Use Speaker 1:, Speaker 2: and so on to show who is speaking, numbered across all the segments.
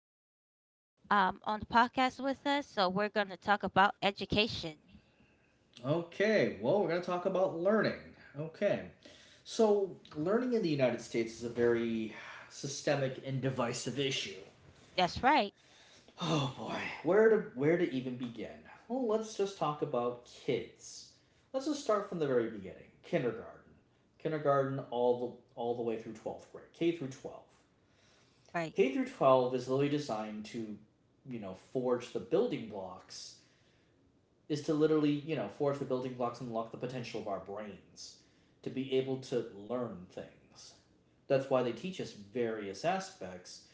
Speaker 1: Gavin on the podcast with us. So, we're going to talk about education.
Speaker 2: Okay, well, we're going to talk about learning. Okay. So, learning in the United States is a very systemic and divisive issue.
Speaker 1: That's right.
Speaker 2: Oh boy, where to even begin? Well, let's just talk about kids. Let's just start from the very beginning, kindergarten. Kindergarten all the way through 12th grade, K through 12.
Speaker 1: Right.
Speaker 2: K through 12 is literally designed to, forge the building blocks, is to literally, forge the building blocks and unlock the potential of our brains to be able to learn things. That's why they teach us various aspects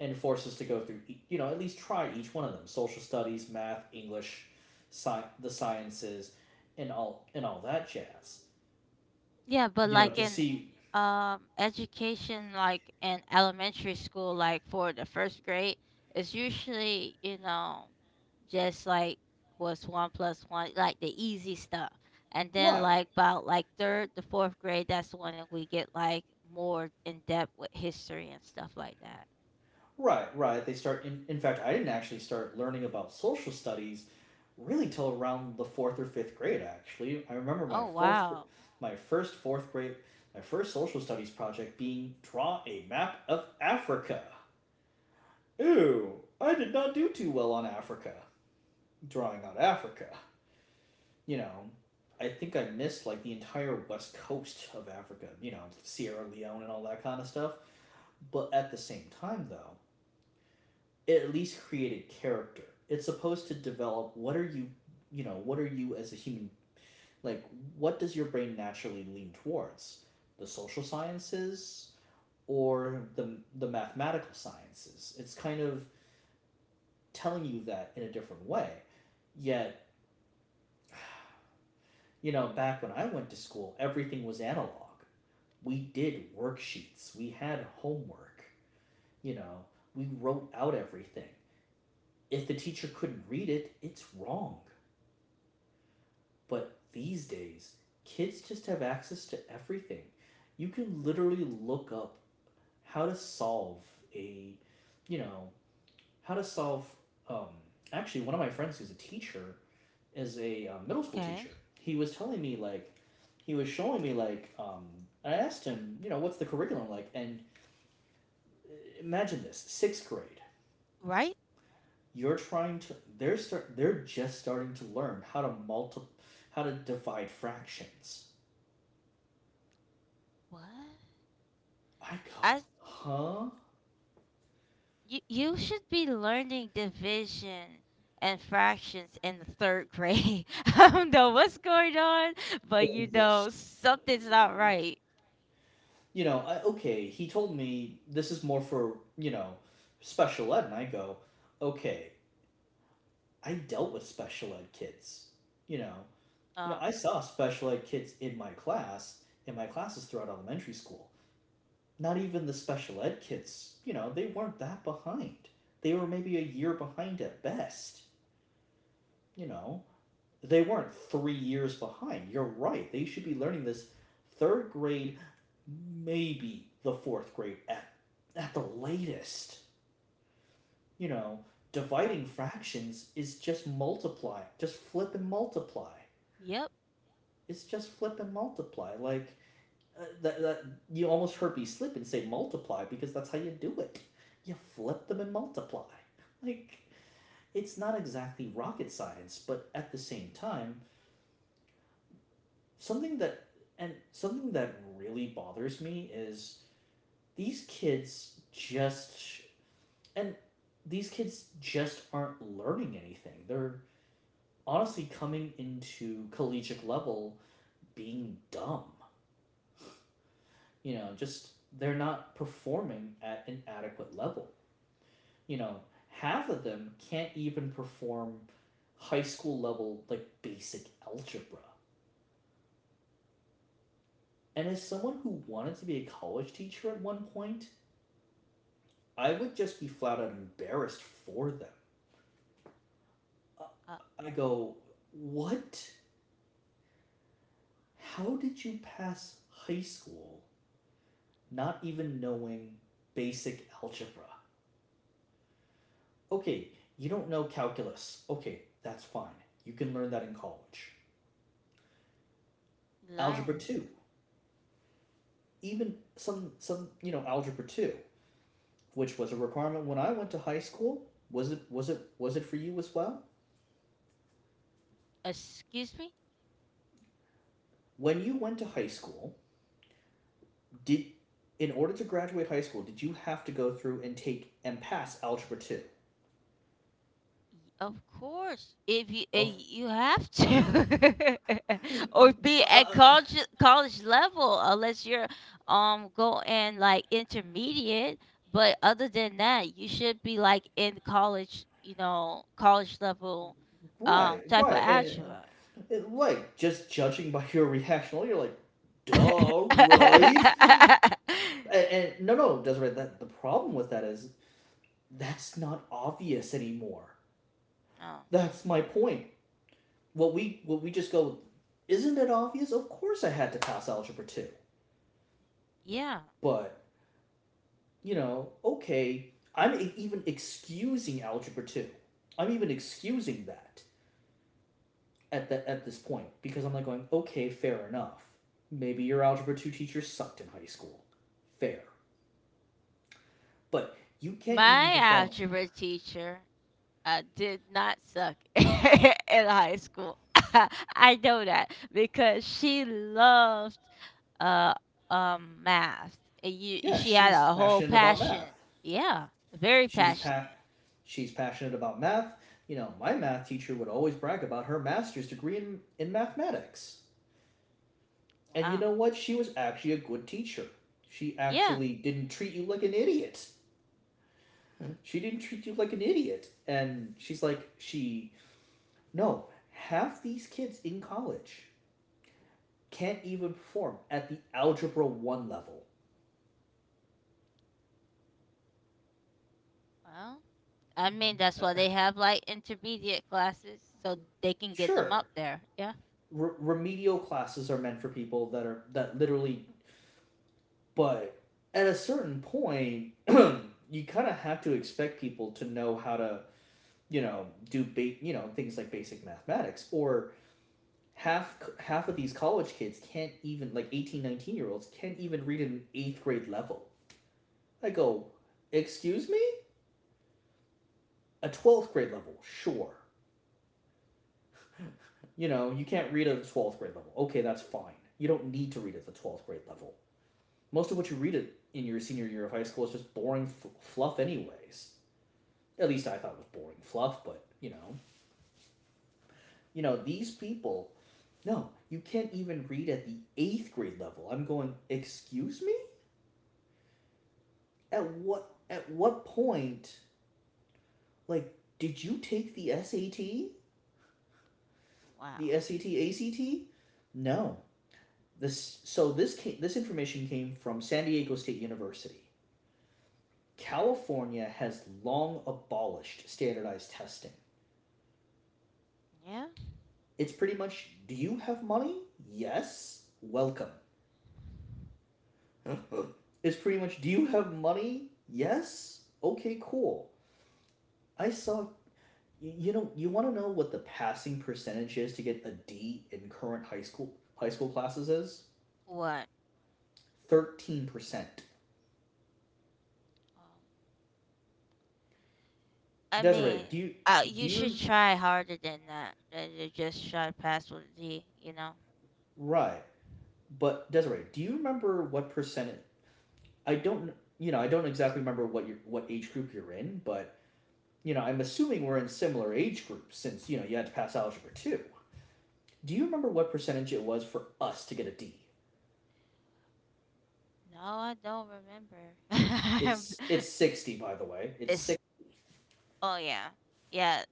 Speaker 2: and force us to go through, at least try each one of them: social studies, math, English, the sciences, and all that jazz.
Speaker 1: Yeah, but
Speaker 2: You know,
Speaker 1: like
Speaker 2: to
Speaker 1: in
Speaker 2: see.
Speaker 1: education like in elementary school like for the first grade it's usually, you know, just like what's one plus one like the easy stuff. And then
Speaker 2: Right,
Speaker 1: like about like third to fourth grade that's when we get like more in depth with history and stuff like that.
Speaker 2: right, right. They start. In fact, I didn't actually start learning about social studies really till around the fourth or fifth grade. Actually, I remember
Speaker 1: Oh wow.
Speaker 2: my first fourth grade, my first social studies project being draw a map of Africa. Ooh, I did not do too well on Africa, drawing out Africa. You know, I think I missed like the entire west coast of Africa, Sierra Leone and all that kind of stuff. But at the same time though, it at least created character. It's supposed to develop— what are you as a human? Like, what does your brain naturally lean towards? The social sciences, or the mathematical sciences? It's kind of telling you that in a different way. Yet, back when I went to school, everything was analog. We did worksheets, we had homework, you know, we wrote out everything. If the teacher couldn't read it, it's wrong. But these days, kids just have access to everything. You can literally look up how to solve a, you know, how to solve. Um, Actually, one of my friends who's a teacher is a middle school
Speaker 1: Okay.
Speaker 2: teacher. He was telling me like, he was showing me like, I asked him, what's the curriculum like? And imagine this: sixth grade,
Speaker 1: Right?
Speaker 2: you're trying to they're just starting to learn how to multi how to divide fractions.
Speaker 1: What?
Speaker 2: I go,
Speaker 1: I
Speaker 2: huh?
Speaker 1: You should be learning division and fractions in the third grade. I don't know what's going on, but you
Speaker 2: The
Speaker 1: know something's not right.
Speaker 2: okay, he told me this is more for, special ed. And I go, okay, I dealt with special ed kids. You know,
Speaker 1: Oh,
Speaker 2: I saw special ed kids in my classes throughout elementary school. Not even the special ed kids, you know, they weren't that behind. They were maybe a year behind at best, you know. They weren't 3 years behind. You're right. They should be learning this third grade, maybe the fourth grade at the latest. You know,
Speaker 1: right.
Speaker 2: dividing fractions is just multiply. Just flip and multiply.
Speaker 1: Yep.
Speaker 2: It's just flip and multiply. Like, that you almost heard me slip and say multiply because that's how you do it. You flip them and multiply. Like, it's not exactly rocket science, but at the same time, something that something that really bothers me is these kids just and these kids just aren't learning anything. They're honestly coming into collegiate level being dumb. You know, just they're not performing at an adequate level. You know, half of them can't even perform high school level like basic algebra. And as someone who wanted to be a college teacher at one point, I would just be flat out embarrassed for them.
Speaker 1: Uh,
Speaker 2: I go, what? How did you pass high school not even knowing basic algebra? Okay, you don't know calculus. Okay, that's fine. You can learn that in college. Algebra
Speaker 1: learn.
Speaker 2: 2, even algebra 2, which was a requirement when I went to high school, was it— for you as well?
Speaker 1: Excuse me.
Speaker 2: When you went to high school, Did in order to graduate high school, did you have to go through and take and pass algebra two?
Speaker 1: Y- Of course, if you
Speaker 2: Of
Speaker 1: you have to,
Speaker 2: uh,
Speaker 1: or be at
Speaker 2: uh,
Speaker 1: college level, unless you're going like intermediate. But other than that, you should be like in college, you know, college level,
Speaker 2: right,
Speaker 1: type of
Speaker 2: right,
Speaker 1: algebra.
Speaker 2: like, just judging by your reaction, you're like, duh, right. And no, no, Desiree, that the problem with that is that's not obvious anymore.
Speaker 1: Oh,
Speaker 2: That's my point. What we just go, isn't it obvious? Of course, I had to pass algebra two,
Speaker 1: yeah,
Speaker 2: but you know, okay, I'm even excusing algebra 2. I'm even excusing that at this point because I'm like going, okay, fair enough. Maybe your algebra 2 teacher sucked in high school. Fair. But you can't even
Speaker 1: my
Speaker 2: perform.
Speaker 1: algebra teacher. I did not suck in high school. I know that because she loved uh math. And you,
Speaker 2: Yeah,
Speaker 1: she had
Speaker 2: she's
Speaker 1: a whole
Speaker 2: passionate about
Speaker 1: passion.
Speaker 2: math.
Speaker 1: Yeah, very
Speaker 2: She's
Speaker 1: passionate.
Speaker 2: pa- she's passionate about math. You know, my math teacher would always brag about her master's degree in mathematics. And you
Speaker 1: Wow.
Speaker 2: know what? She was actually a good teacher. She
Speaker 1: Yeah.
Speaker 2: actually didn't treat you like an idiot. She didn't treat you like an idiot. And she's like, no, half these kids in college can't even perform at the algebra 1 level.
Speaker 1: Well, I mean that's why
Speaker 2: Uh,
Speaker 1: they have like intermediate classes so they can get them
Speaker 2: sure,
Speaker 1: up there. Yeah.
Speaker 2: remedial classes are meant for people that are, that literally, but at a certain point, you kind of have to expect people to know how to, you know, do, you know, things like basic mathematics, or half— of these college kids can't even— like, 18, 19 year olds can't even read at an eighth grade level. I go, excuse me? A 12th grade level, sure. You know, you can't read at the 12th grade level. Okay, that's fine. You don't need to read at the 12th grade level. Most of what you read it in your senior year of high school is just boring fluff, anyways. At least I thought it was boring fluff, but you know. You know, these people, no, you can't even read at the 8th grade level. I'm going, excuse me? At
Speaker 1: Oh,
Speaker 2: what at what point, like, did you take the SAT? The
Speaker 1: wow.
Speaker 2: SAT ACT? No. This— this information came from San Diego State University. California has long abolished standardized testing.
Speaker 1: Yeah.
Speaker 2: It's pretty much, do you have money? Yes. Welcome. It's pretty much, do you have money? Yes. Okay, cool. I saw you, you want to know what the passing percentage is to get a D in current high school classes is?
Speaker 1: What?
Speaker 2: 13%.
Speaker 1: Um, I
Speaker 2: Desiree,
Speaker 1: mean,
Speaker 2: do you— do
Speaker 1: you should
Speaker 2: you
Speaker 1: try harder than that than to just try to pass with a D. You know?
Speaker 2: right? But Desiree, do you remember what percentage? I don't. You know, I don't exactly remember what age group you're in, but you know, I'm assuming we're in similar age groups since, you know, you had to pass algebra too. Do you remember what percentage it was for us to get a D?
Speaker 1: No, I don't remember.
Speaker 2: It's 60, by the way. It's
Speaker 1: it's
Speaker 2: six.
Speaker 1: oh yeah, yeah.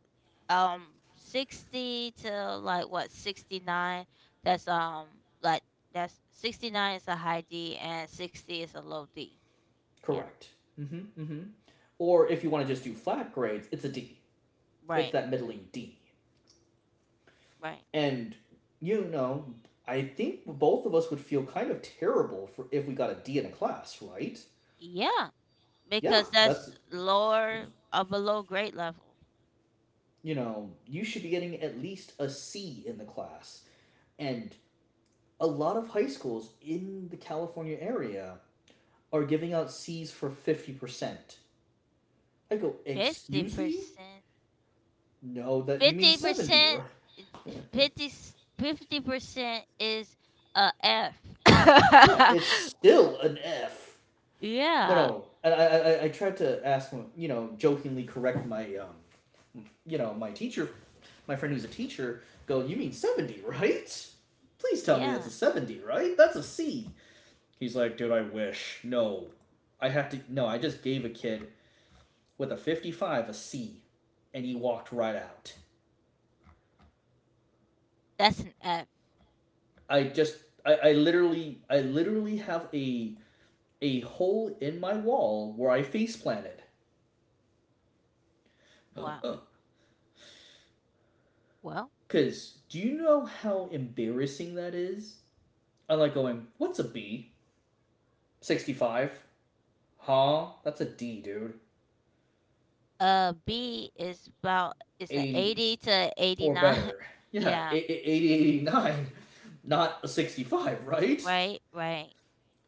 Speaker 1: Um, 60 to like what 69. That's like that's 69 is a high D and 60 is a low D. Yeah.
Speaker 2: Correct. Mm-hmm. Mm-hmm. Or if you want to just do flat grades, it's a D. It's
Speaker 1: Right.
Speaker 2: that middling D.
Speaker 1: Right.
Speaker 2: And you know, I think both of us would feel kind of terrible for— if we got a D in a class, right?
Speaker 1: Yeah.
Speaker 2: Yeah,
Speaker 1: Because
Speaker 2: that's
Speaker 1: that's lower or below grade level.
Speaker 2: you know, you should be getting at least a C in the class. And a lot of high schools in the California area are giving out C's for 50%. I go,
Speaker 1: Fifty
Speaker 2: excuse me?
Speaker 1: percent.
Speaker 2: No, that you mean
Speaker 1: fifty
Speaker 2: 70,
Speaker 1: percent,
Speaker 2: right?
Speaker 1: fifty fifty percent is a F.
Speaker 2: Yeah, it's still an F. No,
Speaker 1: yeah,
Speaker 2: no. And I tried to ask him, you know, jokingly correct my, you know, my teacher, my friend who's a teacher, go, you mean 70, right? Please tell me that's
Speaker 1: yeah,
Speaker 2: a 70, right? That's a C. He's like, dude, I wish. No, I have to. No, I just gave a kid with a 55 a C, and he walked right out.
Speaker 1: that's an F.
Speaker 2: I just, I literally have a hole in my wall where I face planted.
Speaker 1: Wow. Well,
Speaker 2: Cause, do you know how embarrassing that is? I like going, what's a B? 65. Huh? That's a D, dude.
Speaker 1: B is about it's a
Speaker 2: 80
Speaker 1: eighty to eighty
Speaker 2: or
Speaker 1: nine.
Speaker 2: better. Yeah,
Speaker 1: yeah,
Speaker 2: 80, 89, not a 65, right?
Speaker 1: right, right.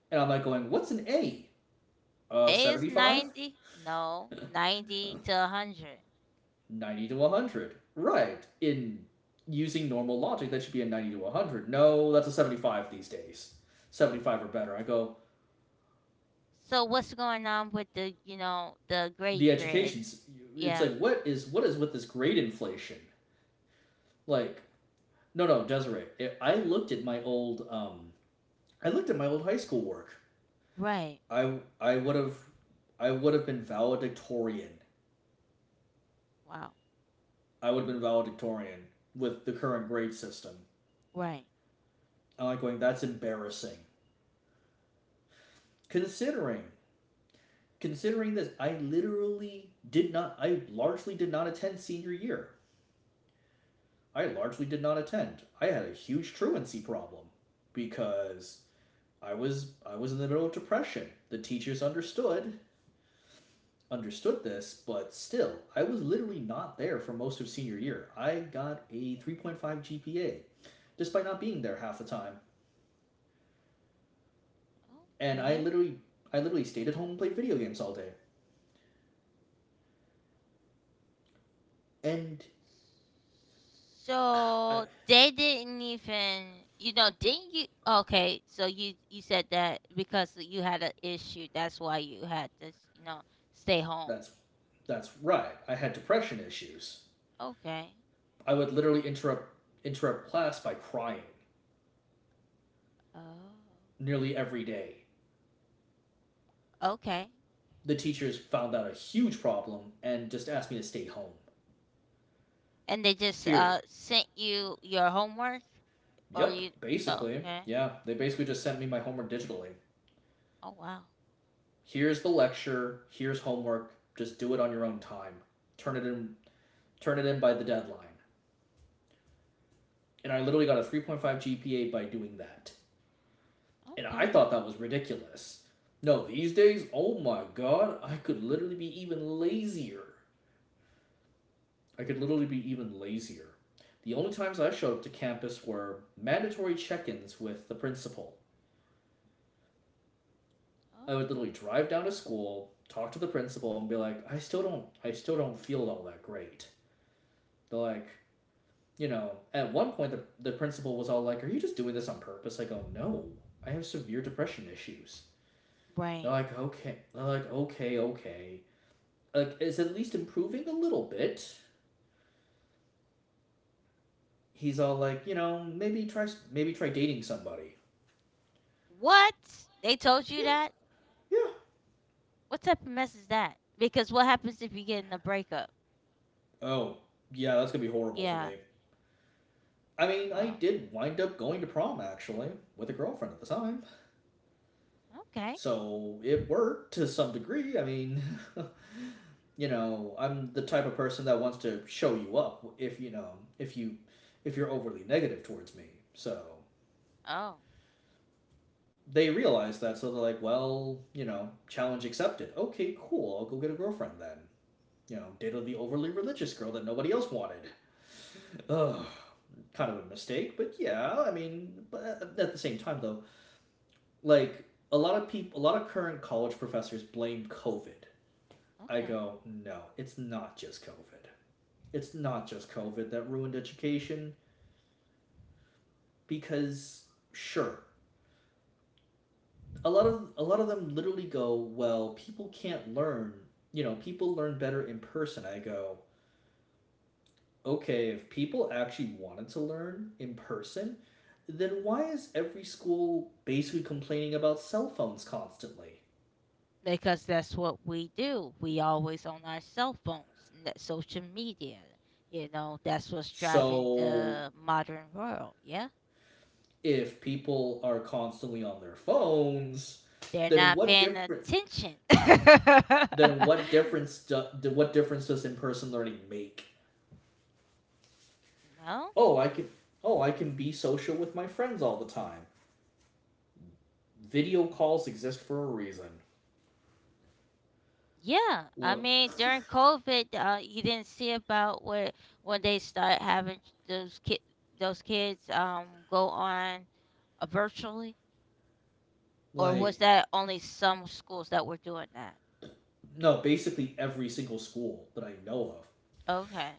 Speaker 2: And I'm like going, what's an A?
Speaker 1: A is
Speaker 2: 75?
Speaker 1: 90. No, 90 to hundred.
Speaker 2: 90 to 100. Right. In using normal logic, that should be a 90 to 100. No, that's a 75 these days. 75 or better. I go,
Speaker 1: So what's going on with the you know the great
Speaker 2: the
Speaker 1: grid?
Speaker 2: education's, it's
Speaker 1: Yeah,
Speaker 2: like, what is, with this grade inflation? Like, no, no, Desiree, I looked at my old high school work.
Speaker 1: right.
Speaker 2: I, I would have, I would have been valedictorian.
Speaker 1: Wow.
Speaker 2: I would have been valedictorian with the current grade system.
Speaker 1: Right.
Speaker 2: I'm like going, that's embarrassing. Considering considering this, I literally did not. I largely did not attend senior year. I largely did not attend. I had a huge truancy problem because I was in the middle of depression. The teachers understood this, but still, I was literally not there for most of senior year. I got a 3.5 GPA despite not being there half the time, and I
Speaker 1: Okay.
Speaker 2: literally I literally stayed at home and played video games all day. And I
Speaker 1: So they didn't even, you know, didn't you? Okay, so you said that because you had an issue, that's why you had to, you know, stay home.
Speaker 2: That's that's right. I had depression issues.
Speaker 1: Okay.
Speaker 2: I would literally interrupt class by crying
Speaker 1: Oh.
Speaker 2: nearly every day.
Speaker 1: Okay.
Speaker 2: The teachers found that a huge problem and just asked me to stay home.
Speaker 1: And they just
Speaker 2: Here.
Speaker 1: sent you your homework, or
Speaker 2: Yep,
Speaker 1: you?
Speaker 2: basically.
Speaker 1: Okay.
Speaker 2: Yeah, they basically just sent me my homework digitally.
Speaker 1: Oh wow.
Speaker 2: Here's the lecture, here's homework, just do it on your own time. Turn it in turn it in by the deadline. And I literally got a 3.5 GPA by doing that. And I
Speaker 1: Okay.
Speaker 2: thought that was ridiculous. No, these days, oh my god, I could literally be even lazier. I could literally be even lazier. The only times I showed up to campus were mandatory check ins with the principal.
Speaker 1: Oh.
Speaker 2: I would literally drive down to school, talk to the principal, and be like, I still don't feel all that great. They're like, you know, at one point the principal was all like, "Are you just doing this on purpose?" I go, "No, I have severe depression issues."
Speaker 1: Right.
Speaker 2: They're like, "Okay," they're like, "Okay, okay. Like is at least improving a little bit." He's all like, you know, maybe try dating somebody.
Speaker 1: What? They told you
Speaker 2: Yeah,
Speaker 1: that?
Speaker 2: yeah.
Speaker 1: What type of mess is that? Because what happens if you get in a breakup?
Speaker 2: Oh, yeah, that's gonna be horrible for
Speaker 1: Yeah.
Speaker 2: me. I mean, I
Speaker 1: Oh.
Speaker 2: did wind up going to prom actually with a girlfriend at the time,
Speaker 1: Okay.
Speaker 2: so it worked to some degree. I mean, you know, I'm the type of person that wants to show you up if you if you're overly negative towards me. So
Speaker 1: Oh,
Speaker 2: they realize that, so they're like, well, you know, challenge accepted. Okay, cool. I'll go get a girlfriend then. You know, dated the overly religious girl that nobody else wanted. Ugh, kind of a mistake, but yeah, I mean, but at the same time though, like a lot of people, a lot of current college professors blame COVID. I
Speaker 1: okay.
Speaker 2: go, no, it's not just COVID. It's not just COVID that ruined education because sure, a lot of them literally go, well, people can't learn. You know, people learn better in person. I go, okay, if people actually wanted to learn in person, then why is every school basically complaining about cell phones constantly?
Speaker 1: Because that's what we do. We always on our cell phones, n- social media. You know, that's what's driving
Speaker 2: So,
Speaker 1: the modern world. Yeah.
Speaker 2: if people are constantly on their phones,
Speaker 1: They're
Speaker 2: then
Speaker 1: not
Speaker 2: what
Speaker 1: paying
Speaker 2: different
Speaker 1: attention.
Speaker 2: then what difference do, what difference does in-person learning make?
Speaker 1: No.
Speaker 2: Oh, I can oh, I can be social with my friends all the time. Video calls exist for a reason.
Speaker 1: Yeah. I mean,
Speaker 2: Look,
Speaker 1: during COVID, you didn't see about where when they start having those kid those kids go on virtually, or was
Speaker 2: like
Speaker 1: that only some schools that were doing that?
Speaker 2: no, basically every single school that I know of
Speaker 1: Okay.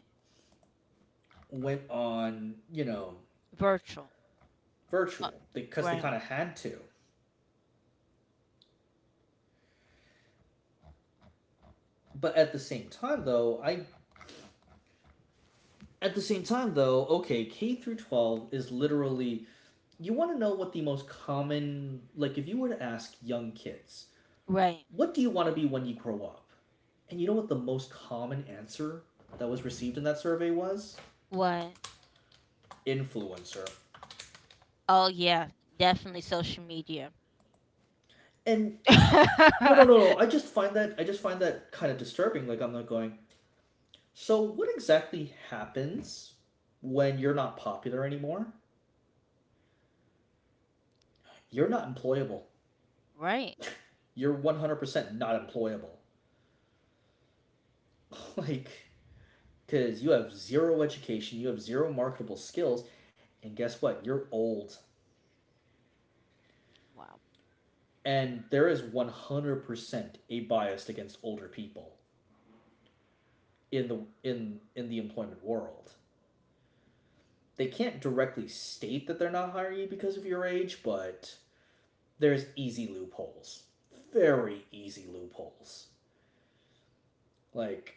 Speaker 2: went on, you know,
Speaker 1: Virtual. Uh,
Speaker 2: virtual because they
Speaker 1: right.
Speaker 2: kind of had to. But at the same time though, okay, K through 12 is literally you want to know what the most common like if you were to ask young kids,
Speaker 1: Right.
Speaker 2: what do you want to be when you grow up? And you know what the most common answer that was received in that survey was?
Speaker 1: What?
Speaker 2: Influencer.
Speaker 1: Oh yeah, definitely social media.
Speaker 2: And no, no, no, no. I just find that kind of disturbing. Like I'm not going, so, what exactly happens when you're not popular anymore? You're not employable.
Speaker 1: Right.
Speaker 2: You're 100% not employable. Like, because you have zero education, you have zero marketable skills, and guess what? You're old.
Speaker 1: Wow.
Speaker 2: And there is 100% a bias against older people in the employment world. They can't directly state that they're not hiring you because of your age, but there's easy loopholes. Very easy loopholes. Like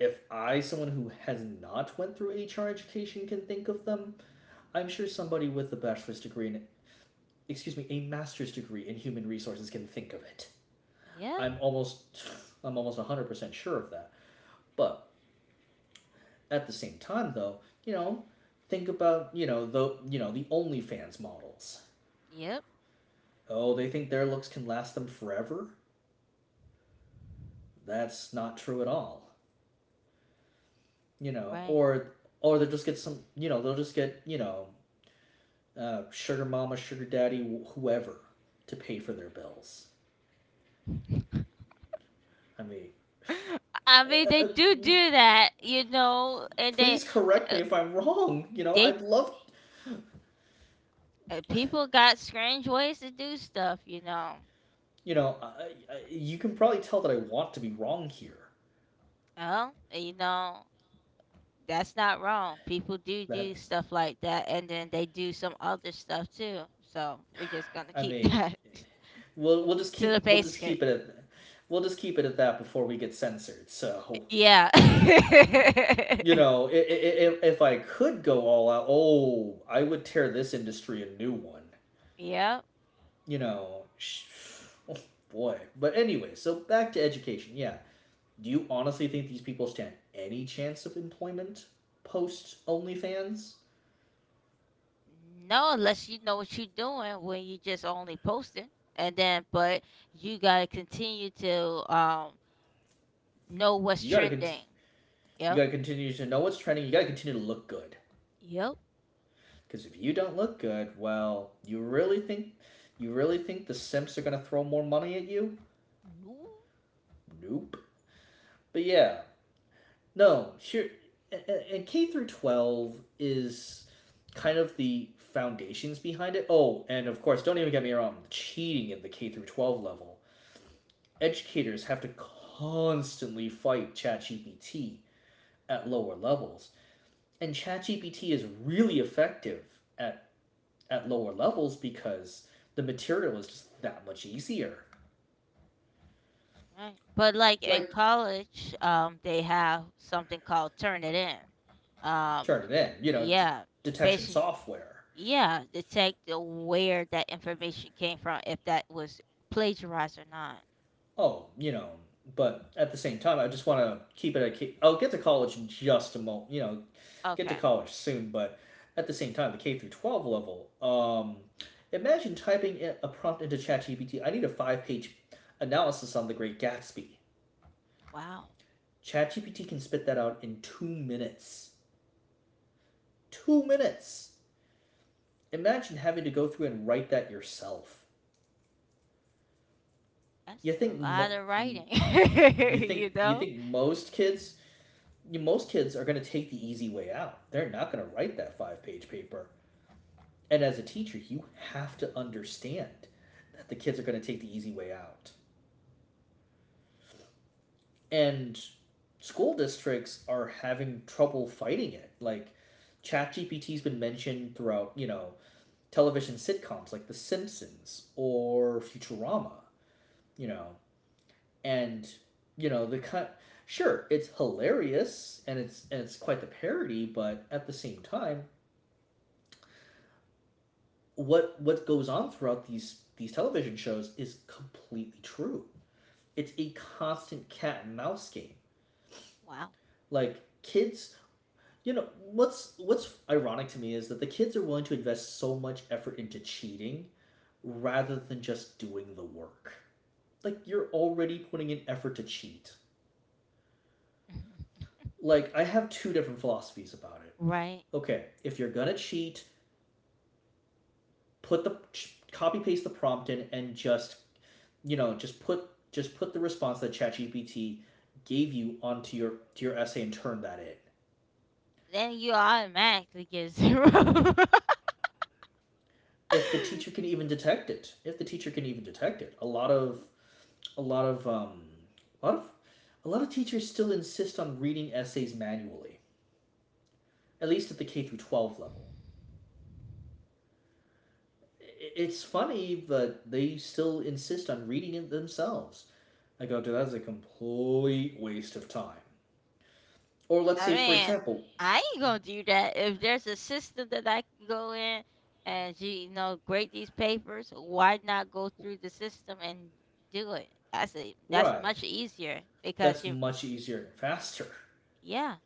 Speaker 2: if I, someone who has not went through HR education, can think of them, I'm sure somebody with a bachelor's degree in, excuse me, a master's degree in human resources can think of it.
Speaker 1: Yeah.
Speaker 2: I'm almost, I'm almost 100% sure of that. But at the same time, though, you know, think about, you know, the OnlyFans models.
Speaker 1: Yep.
Speaker 2: Oh, they think their looks can last them forever? That's not true at all. You know,
Speaker 1: Right.
Speaker 2: or, or they'll just get some, you know, they'll just get, you know, sugar mama, sugar daddy, whoever, to pay for their bills. I mean,
Speaker 1: I mean,
Speaker 2: uh,
Speaker 1: they
Speaker 2: uh,
Speaker 1: do do that, you know, and they
Speaker 2: please correct
Speaker 1: uh,
Speaker 2: me if I'm wrong. You know,
Speaker 1: they
Speaker 2: I'd love.
Speaker 1: people got strange ways to do stuff, you know.
Speaker 2: You know, I, I, you can probably tell that I want to be wrong here.
Speaker 1: Well, you know, that's not wrong. People do
Speaker 2: That
Speaker 1: do stuff like that, and then they do some other stuff too. So we're just gonna
Speaker 2: I
Speaker 1: keep
Speaker 2: mean,
Speaker 1: that
Speaker 2: we'll we'll just
Speaker 1: to the
Speaker 2: keep we'll just
Speaker 1: basics.
Speaker 2: keep it at we'll just keep it at that before we get censored. So
Speaker 1: Yeah.
Speaker 2: you know, if I could go all out, oh, I would tear this industry a new one.
Speaker 1: Yeah.
Speaker 2: You know, oh boy. But anyway, so back to education. Yeah, do you honestly think these people stand any chance of employment post OnlyFans?
Speaker 1: No, unless you know what you're doing when you just only posting. And then but you gotta continue to know what's
Speaker 2: You gotta con,
Speaker 1: trending.
Speaker 2: you
Speaker 1: Yep.
Speaker 2: gotta continue to know what's trending. You gotta continue to look good.
Speaker 1: Yep.
Speaker 2: Because if you don't look good, well, you really think the simps are gonna throw more money at you?
Speaker 1: No.
Speaker 2: Nope. But yeah, no. Sure. And K through 12 is kind of the foundations behind it. Oh, and of course, don't even get me wrong, cheating at the K through 12 level educators have to constantly fight ChatGPT at lower levels. And ChatGPT is really effective at, at lower levels because the material is just that much easier.
Speaker 1: Right. But like in
Speaker 2: Like,
Speaker 1: college, they have something called Turn It In.
Speaker 2: turn it in, you know,
Speaker 1: Yeah.
Speaker 2: detection
Speaker 1: Basically
Speaker 2: software.
Speaker 1: yeah, to take the where that information came from, if that was plagiarized or not.
Speaker 2: Oh, you know, but at the same time, I just want to keep it. At, I'll get to college in just a moment, you know, get to
Speaker 1: Okay.
Speaker 2: college soon, but at the same time, the K through 12 level, imagine typing a prompt into ChatGPT. I need a five-page analysis on The Great Gatsby.
Speaker 1: Wow,
Speaker 2: ChatGPT can spit that out in 2 minutes. 2 minutes. Imagine having to go through and write that yourself.
Speaker 1: that's
Speaker 2: You think
Speaker 1: a lot
Speaker 2: mo-
Speaker 1: of writing, you
Speaker 2: you
Speaker 1: know?
Speaker 2: think most kids most kids are going to take the easy way out. They're not going to write that five-page paper. And as a teacher, you have to understand that the kids are going to take the easy way out. And school districts are having trouble fighting it. Like, ChatGPT's been mentioned throughout, you know, television sitcoms like The Simpsons or Futurama, you know. And, you know, the kind sure, it's hilarious and it's quite the parody, but at the same time, what goes on throughout these television shows is completely true. It's a constant cat and mouse game.
Speaker 1: Wow.
Speaker 2: Like kids, you know, what's ironic to me is that the kids are willing to invest so much effort into cheating rather than just doing the work. Like you're already putting in effort to cheat.
Speaker 1: Mhm.
Speaker 2: Like I have two different philosophies about it.
Speaker 1: Right.
Speaker 2: Okay, if you're going to cheat, put the copy paste the prompt in and just, you know, just put the response that ChatGPT gave you onto your to your essay and turn that in
Speaker 1: Then you automatically get zero.
Speaker 2: if the teacher can even detect it if the teacher can even detect it, a lot of a lot of um a lot of a lot of teachers still insist on reading essays manually at least at the k through 12 level. It's funny but they still insist on reading it themselves. I go, dude, that's a complete waste of time. Or let's
Speaker 1: I
Speaker 2: say for
Speaker 1: mean,
Speaker 2: example
Speaker 1: I ain't gonna do that. If there's a system that I can go in and you know grade these papers, why not go through the system and do it? I say that's
Speaker 2: right
Speaker 1: much easier because
Speaker 2: that's
Speaker 1: you,
Speaker 2: much easier and faster
Speaker 1: yeah,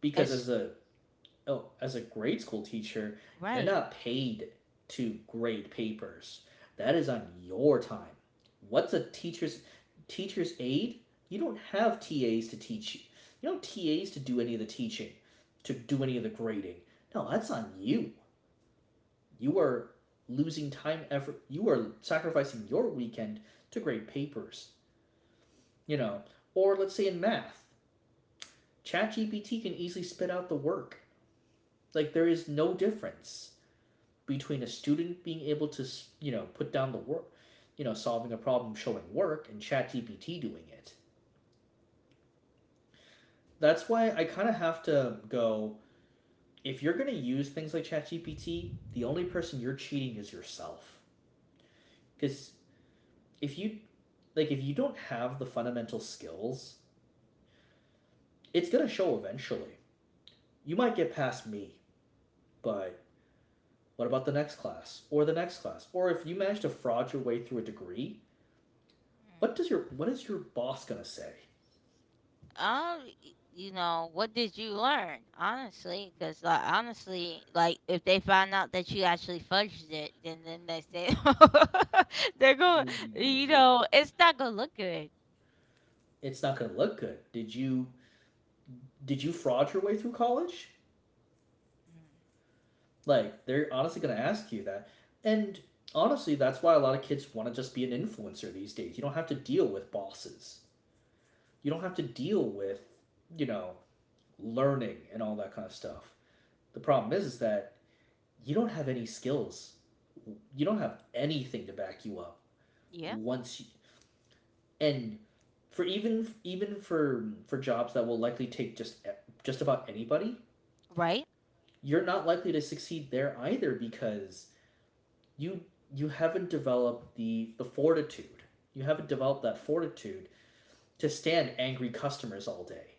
Speaker 2: because
Speaker 1: it's
Speaker 2: as a oh, as a grade school teacher, you're
Speaker 1: right.
Speaker 2: not paid to grade papers. That is on your time. What's a teacher's aide? You don't have TAs to teach you. You don't have TAs to do any of the teaching, to do any of the grading. No, that's on you. You are losing time effort. You are sacrificing your weekend to grade papers. You know, or let's say in math, ChatGPT can easily spit out the work. Like there is no difference between a student being able to, you know, put down the work, you know, solving a problem showing work and ChatGPT doing it. That's why I kind of have to go if you're going to use things like ChatGPT, the only person you're cheating is yourself. Cuz if you like if you don't have the fundamental skills, it's going to show eventually. You might get past me, but what about the next class or the next class? Or if you manage to fraud your way through a degree,
Speaker 1: Mm.
Speaker 2: what is your boss going to say?
Speaker 1: You know, what did you learn? Honestly, because like honestly, like if they find out that you actually fudged it, then they say they're going. You know, it's not gonna look good.
Speaker 2: It's not going to look good. Did you fraud your way through college?
Speaker 1: Mm,
Speaker 2: Like they're honestly going to ask you that. And honestly, that's why a lot of kids want to just be an influencer these days. You don't have to deal with bosses. You don't have to deal with, you know, learning and all that kind of stuff. The problem is that you don't have any skills. You don't have anything to back you up
Speaker 1: yeah,
Speaker 2: once you, and for even for jobs that will likely take just about anybody,
Speaker 1: right.
Speaker 2: you're not likely to succeed there either because you you haven't developed the fortitude. You haven't developed that fortitude to stand angry customers all day.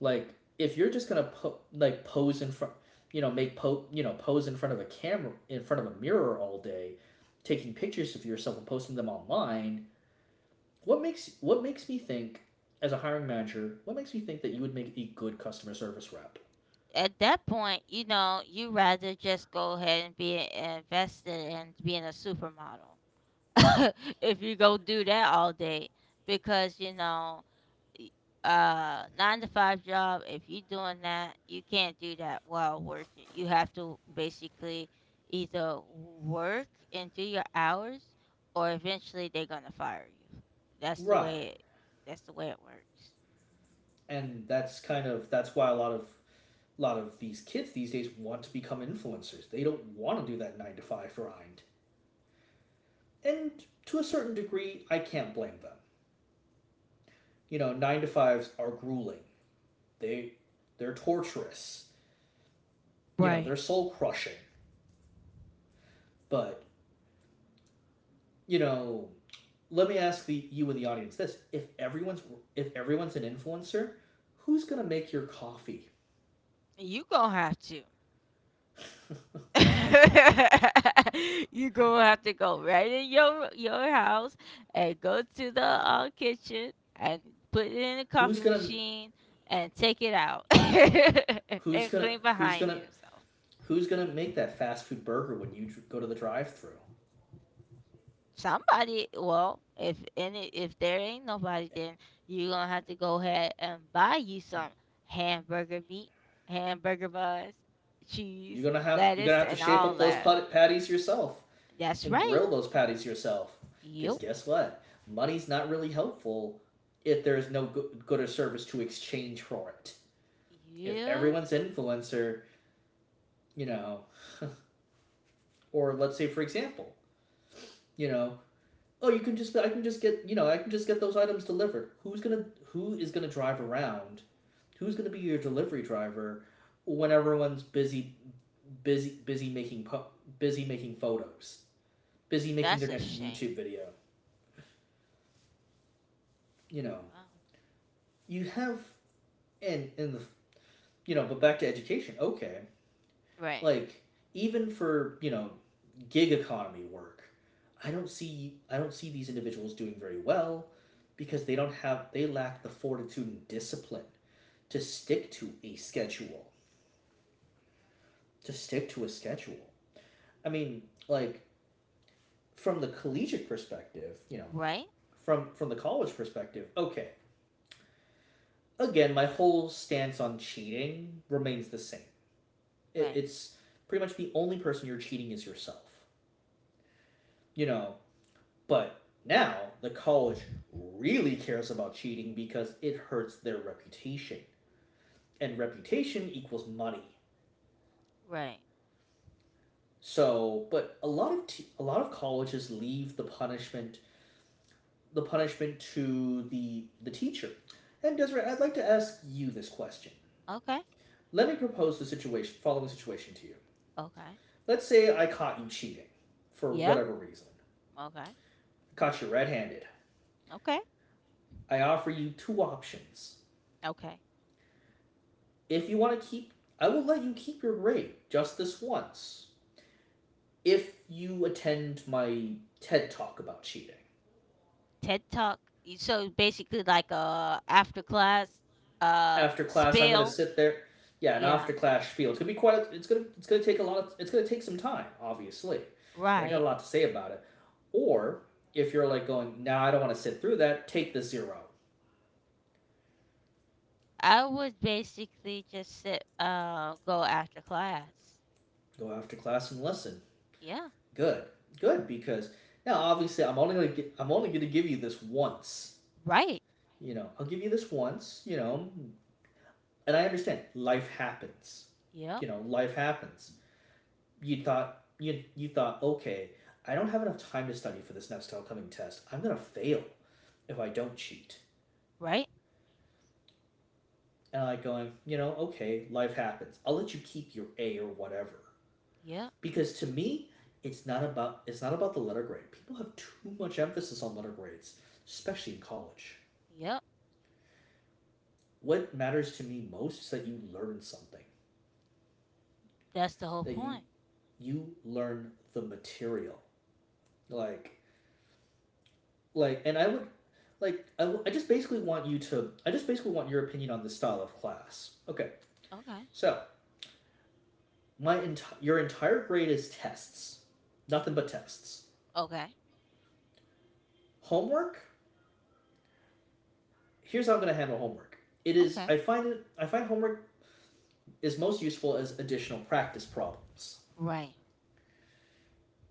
Speaker 2: Like if you're just gonna pose in front, you know, make po you know pose in front of a camera in front of a mirror all day, taking pictures of yourself and posting them online. What makes me think, as a hiring manager, what makes me think that you would make a good customer service rep?
Speaker 1: At that point, you know, you rather just go ahead and be invested in being a supermodel if you go do that all day, because you know. y- nine to five job if you're doing that you can't do that while working you have to basically either work and do your hours or eventually they're gonna fire you that's the
Speaker 2: Right.
Speaker 1: way it that's the way it works.
Speaker 2: And that's why a lot of these kids these days want to become influencers. They don't want to do that 9 to 5 grind. And to a certain degree, I can't blame them. You know, 9 to 5s are grueling. They they're torturous. You know,
Speaker 1: Right.
Speaker 2: they're soul crushing. But, you know, let me ask the you in the audience this. If everyone's an influencer, who's going to make your coffee?
Speaker 1: You gonna have to you gonna have to go right in your house and go to the kitchen and put it in the
Speaker 2: who's
Speaker 1: coffee
Speaker 2: going to
Speaker 1: machine and take it out
Speaker 2: who's
Speaker 1: and
Speaker 2: going to
Speaker 1: clean
Speaker 2: who's
Speaker 1: behind
Speaker 2: going to
Speaker 1: you. So
Speaker 2: who's going to make that fast food burger when you go to the drive-through?
Speaker 1: somebody, well, if any, if there ain't nobody, then you gonna have to go ahead and buy you some hamburger meat, hamburger buns, cheese,
Speaker 2: You're gonna
Speaker 1: lettuce,
Speaker 2: have to
Speaker 1: and
Speaker 2: shape
Speaker 1: all
Speaker 2: up those
Speaker 1: that.
Speaker 2: patties yourself
Speaker 1: That's
Speaker 2: and
Speaker 1: right.
Speaker 2: grill those patties yourself. Because
Speaker 1: Yep.
Speaker 2: guess what, money's not really helpful if there's no good or service to exchange for it. If
Speaker 1: Yeah.
Speaker 2: everyone's influencer, you know, or let's say for example, you know, oh you can just I can just get I can just get those items delivered. Who is gonna drive around? Who's gonna be your delivery driver when everyone's busy busy making busy making photos? Busy making their
Speaker 1: That's a
Speaker 2: next
Speaker 1: shame.
Speaker 2: YouTube video. You know,
Speaker 1: Wow.
Speaker 2: you have and in the you know, but back to education. Okay,
Speaker 1: Right.
Speaker 2: like even for you know, gig economy work, I don't see these individuals doing very well because they don't have they lack the fortitude and discipline to stick to a schedule to stick to a schedule. I mean, like from the collegiate perspective, you know,
Speaker 1: Right.
Speaker 2: from the college perspective, okay. Again, my whole stance on cheating remains the same.
Speaker 1: Right.
Speaker 2: It's pretty much the only person you're cheating is yourself, you know. But now the college really cares about cheating because it hurts their reputation, and reputation equals money.
Speaker 1: Right.
Speaker 2: So, but a lot of colleges leave the punishment to the teacher. And Desiree, I'd like to ask you this question.
Speaker 1: Okay.
Speaker 2: Let me following situation to you.
Speaker 1: Okay.
Speaker 2: Let's say I caught you cheating for
Speaker 1: Yeah.
Speaker 2: whatever reason.
Speaker 1: Okay.
Speaker 2: I caught you red-handed.
Speaker 1: Okay.
Speaker 2: I offer you two options.
Speaker 1: Okay.
Speaker 2: If you want to keep, I will let you keep your grade just this once, if you attend my TED talk about cheating
Speaker 1: TED Talk. Y- So basically like a after class
Speaker 2: after class. I'm gonna
Speaker 1: spill.
Speaker 2: sit there. Yeah, an
Speaker 1: Yeah.
Speaker 2: after class spiel. It's gonna be quite. It's gonna. It's gonna take a lot. Of, it's gonna take some time, obviously, because I got a
Speaker 1: Right.
Speaker 2: lot to say about it. Or if you're like going, nah, I don't want to sit through that. Take the zero.
Speaker 1: I would basically just sit go after class.
Speaker 2: Go after class and listen.
Speaker 1: Yeah.
Speaker 2: Good, good, because now obviously I'm only gonna. Gi- I'm only gonna give you this once.
Speaker 1: Right.
Speaker 2: I'll give you this once, and I understand life happens.
Speaker 1: Yep.
Speaker 2: You know, life happens. You thought, okay, I don't have enough time to study for this next upcoming test. I'm gonna fail if I don't cheat.
Speaker 1: Right.
Speaker 2: And I'm like going, you know, okay, life happens. I'll let you keep your A or whatever.
Speaker 1: Yep.
Speaker 2: Because to me, it's not about the letter grade. People have too much emphasis on letter grades, especially in college.
Speaker 1: Yep.
Speaker 2: What matters to me most is that you learn something,
Speaker 1: That's the whole
Speaker 2: that
Speaker 1: point.
Speaker 2: you learn the material. like like and I would like I, w- I just basically want you to I just basically want your opinion on the style of class. Okay,
Speaker 1: Okay.
Speaker 2: so your entire grade is tests, nothing but tests.
Speaker 1: Okay.
Speaker 2: Homework, here's how I'm going to handle homework. it is
Speaker 1: Okay.
Speaker 2: i find it i find homework is most useful as additional practice problems.
Speaker 1: Right.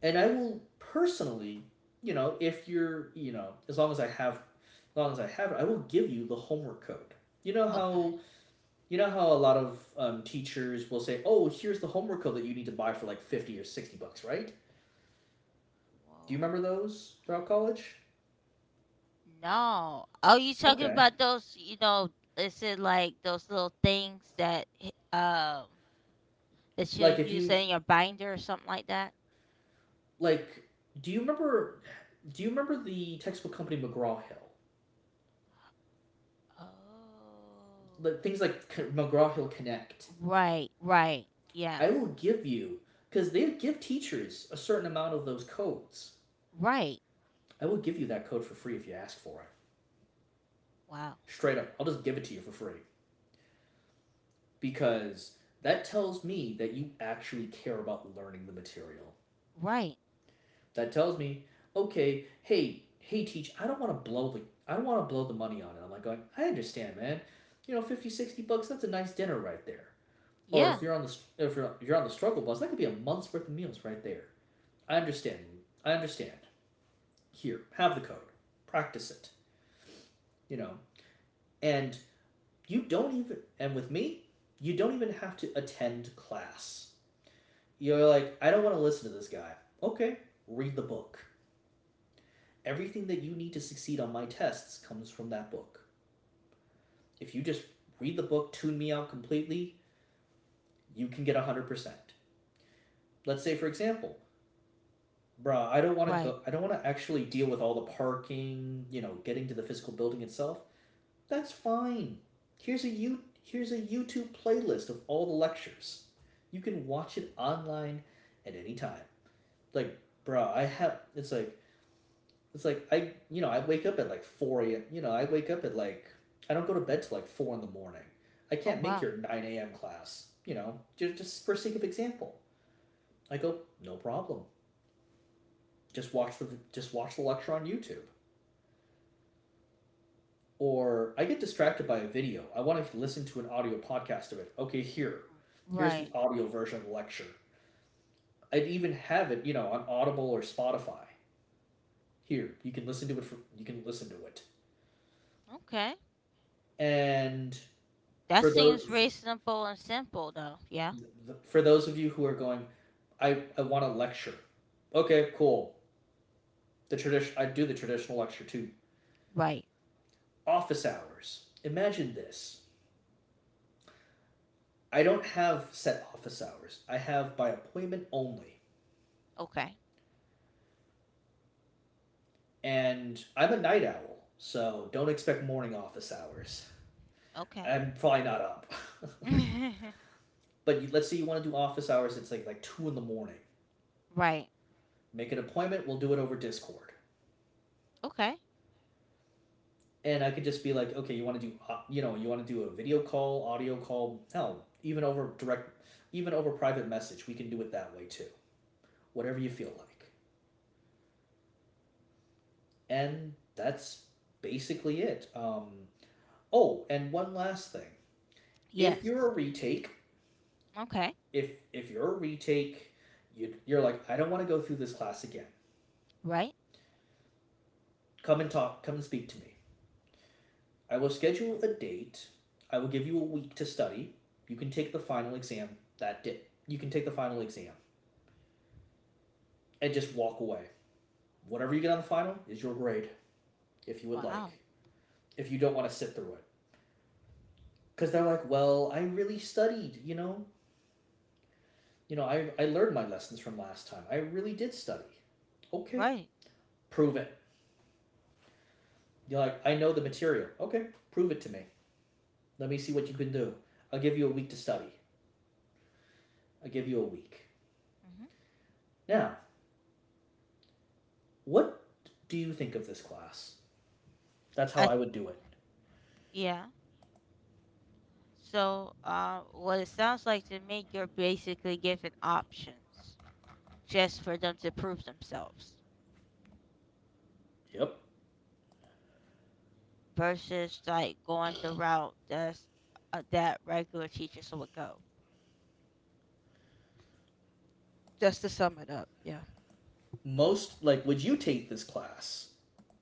Speaker 2: And I will personally, you know if you're you know as long as I have it, I will give you the homework code. you know how
Speaker 1: Okay.
Speaker 2: you know how a lot of teachers will say, "Oh, here's the homework code that you need to buy for like $50 or $60," right? Do you
Speaker 1: Whoa.
Speaker 2: remember those throughout college?
Speaker 1: No. Oh, you talking
Speaker 2: Okay.
Speaker 1: about those? You know, is it like those little things that that you'll
Speaker 2: Like if
Speaker 1: use
Speaker 2: you
Speaker 1: in your binder or something like that?
Speaker 2: like, do you remember? Do you remember the textbook company McGraw Hill?
Speaker 1: Oh,
Speaker 2: Like things like McGraw Hill Connect.
Speaker 1: right, right, yeah,
Speaker 2: I will give you because they give teachers a certain amount of those codes.
Speaker 1: right.
Speaker 2: I will give you that code for free if you ask for it.
Speaker 1: Wow,
Speaker 2: Straight up, I'll just give it to you for free because that tells me that you actually care about learning the material,
Speaker 1: right,
Speaker 2: that tells me, okay, hey, teach, I don't want to blow the money on it. I'm like going, I understand, man. You know, 50, $60, that's a nice dinner right there. Or
Speaker 1: yeah,
Speaker 2: if you're on the struggle bus, that could be a month's worth of meals right there. I understand. I understand. Here, have the code. Practice it. You know, and you don't even, and with me, you don't even have to attend class. You're like, I don't want to listen to this guy. Okay, read the book. Everything that you need to succeed on my tests comes from that book. If you just read the book, tune me out completely, you can get 100%. Let's say for example, bruh,
Speaker 1: right.
Speaker 2: I don't want to actually deal with all the parking, you know, getting to the physical building itself. That's fine. Here's a YouTube playlist of all the lectures. You can watch it online at any time. Like, bruh, I have it's like It's like I, you know, I wake up at like 4 a.m. You know, I wake up at like I don't go to bed till like 4 in the morning. I
Speaker 1: Oh,
Speaker 2: can't make
Speaker 1: wow,
Speaker 2: your 9 a.m. class. You know, just for sake of example, I go no problem. Just watch the just watch the lecture on YouTube. Or I get distracted by a video. I want to listen to an audio podcast of it. Okay, here's
Speaker 1: right.
Speaker 2: the audio version of the lecture. I'd even have it, you know, on Audible or Spotify. Here, you can listen to it. For, you can listen to it.
Speaker 1: Okay,
Speaker 2: And
Speaker 1: that
Speaker 2: for
Speaker 1: seems
Speaker 2: those
Speaker 1: reasonable and simple, though. Yeah,
Speaker 2: for those of you who are going, I want a lecture. Okay, cool. The tradition I do the traditional lecture too.
Speaker 1: right.
Speaker 2: Office hours. Imagine this. I don't have set office hours. I have by appointment only.
Speaker 1: Okay,
Speaker 2: And I'm a night owl, so don't expect morning office hours.
Speaker 1: okay,
Speaker 2: I'm probably not up. but let's say you want to do office hours. It's like 2 in the morning.
Speaker 1: right.
Speaker 2: Make an appointment. We'll do it over Discord.
Speaker 1: Okay.
Speaker 2: And I could just be like, okay, you want to do, you know, you want to do a video call, audio call, hell, even over direct, even over private message, we can do it that way too. Whatever you feel like, and that's basically it. Oh, and one last thing: if
Speaker 1: Yes.
Speaker 2: you're a retake,
Speaker 1: Okay.
Speaker 2: if you're a retake, you're like, I don't want to go through this class again.
Speaker 1: Right.
Speaker 2: Come and talk. Come and speak to me. I will schedule a date. I will give you a week to study. You can take the final exam that day. You can take the final exam and just walk away. Whatever you get on the final is your grade, if you would
Speaker 1: Wow.
Speaker 2: like. If you don't want to sit through it, because they're like, well, I really studied, I learned my lessons from last time. I really did study. Okay,
Speaker 1: Right.
Speaker 2: prove it. You're like, I know the material. Okay, prove it to me. Let me see what you can do. I'll give you a week to study. I'll give you a week.
Speaker 1: Hmm.
Speaker 2: Now, what do you think of this class? That's how
Speaker 1: I,
Speaker 2: I would do it.
Speaker 1: yeah. So, what it sounds like to me, you're basically given options just for them to prove themselves
Speaker 2: Yep.
Speaker 1: versus like going the route that's that regular teachers would go. Just to sum it up, yeah.
Speaker 2: Most like, would you take this class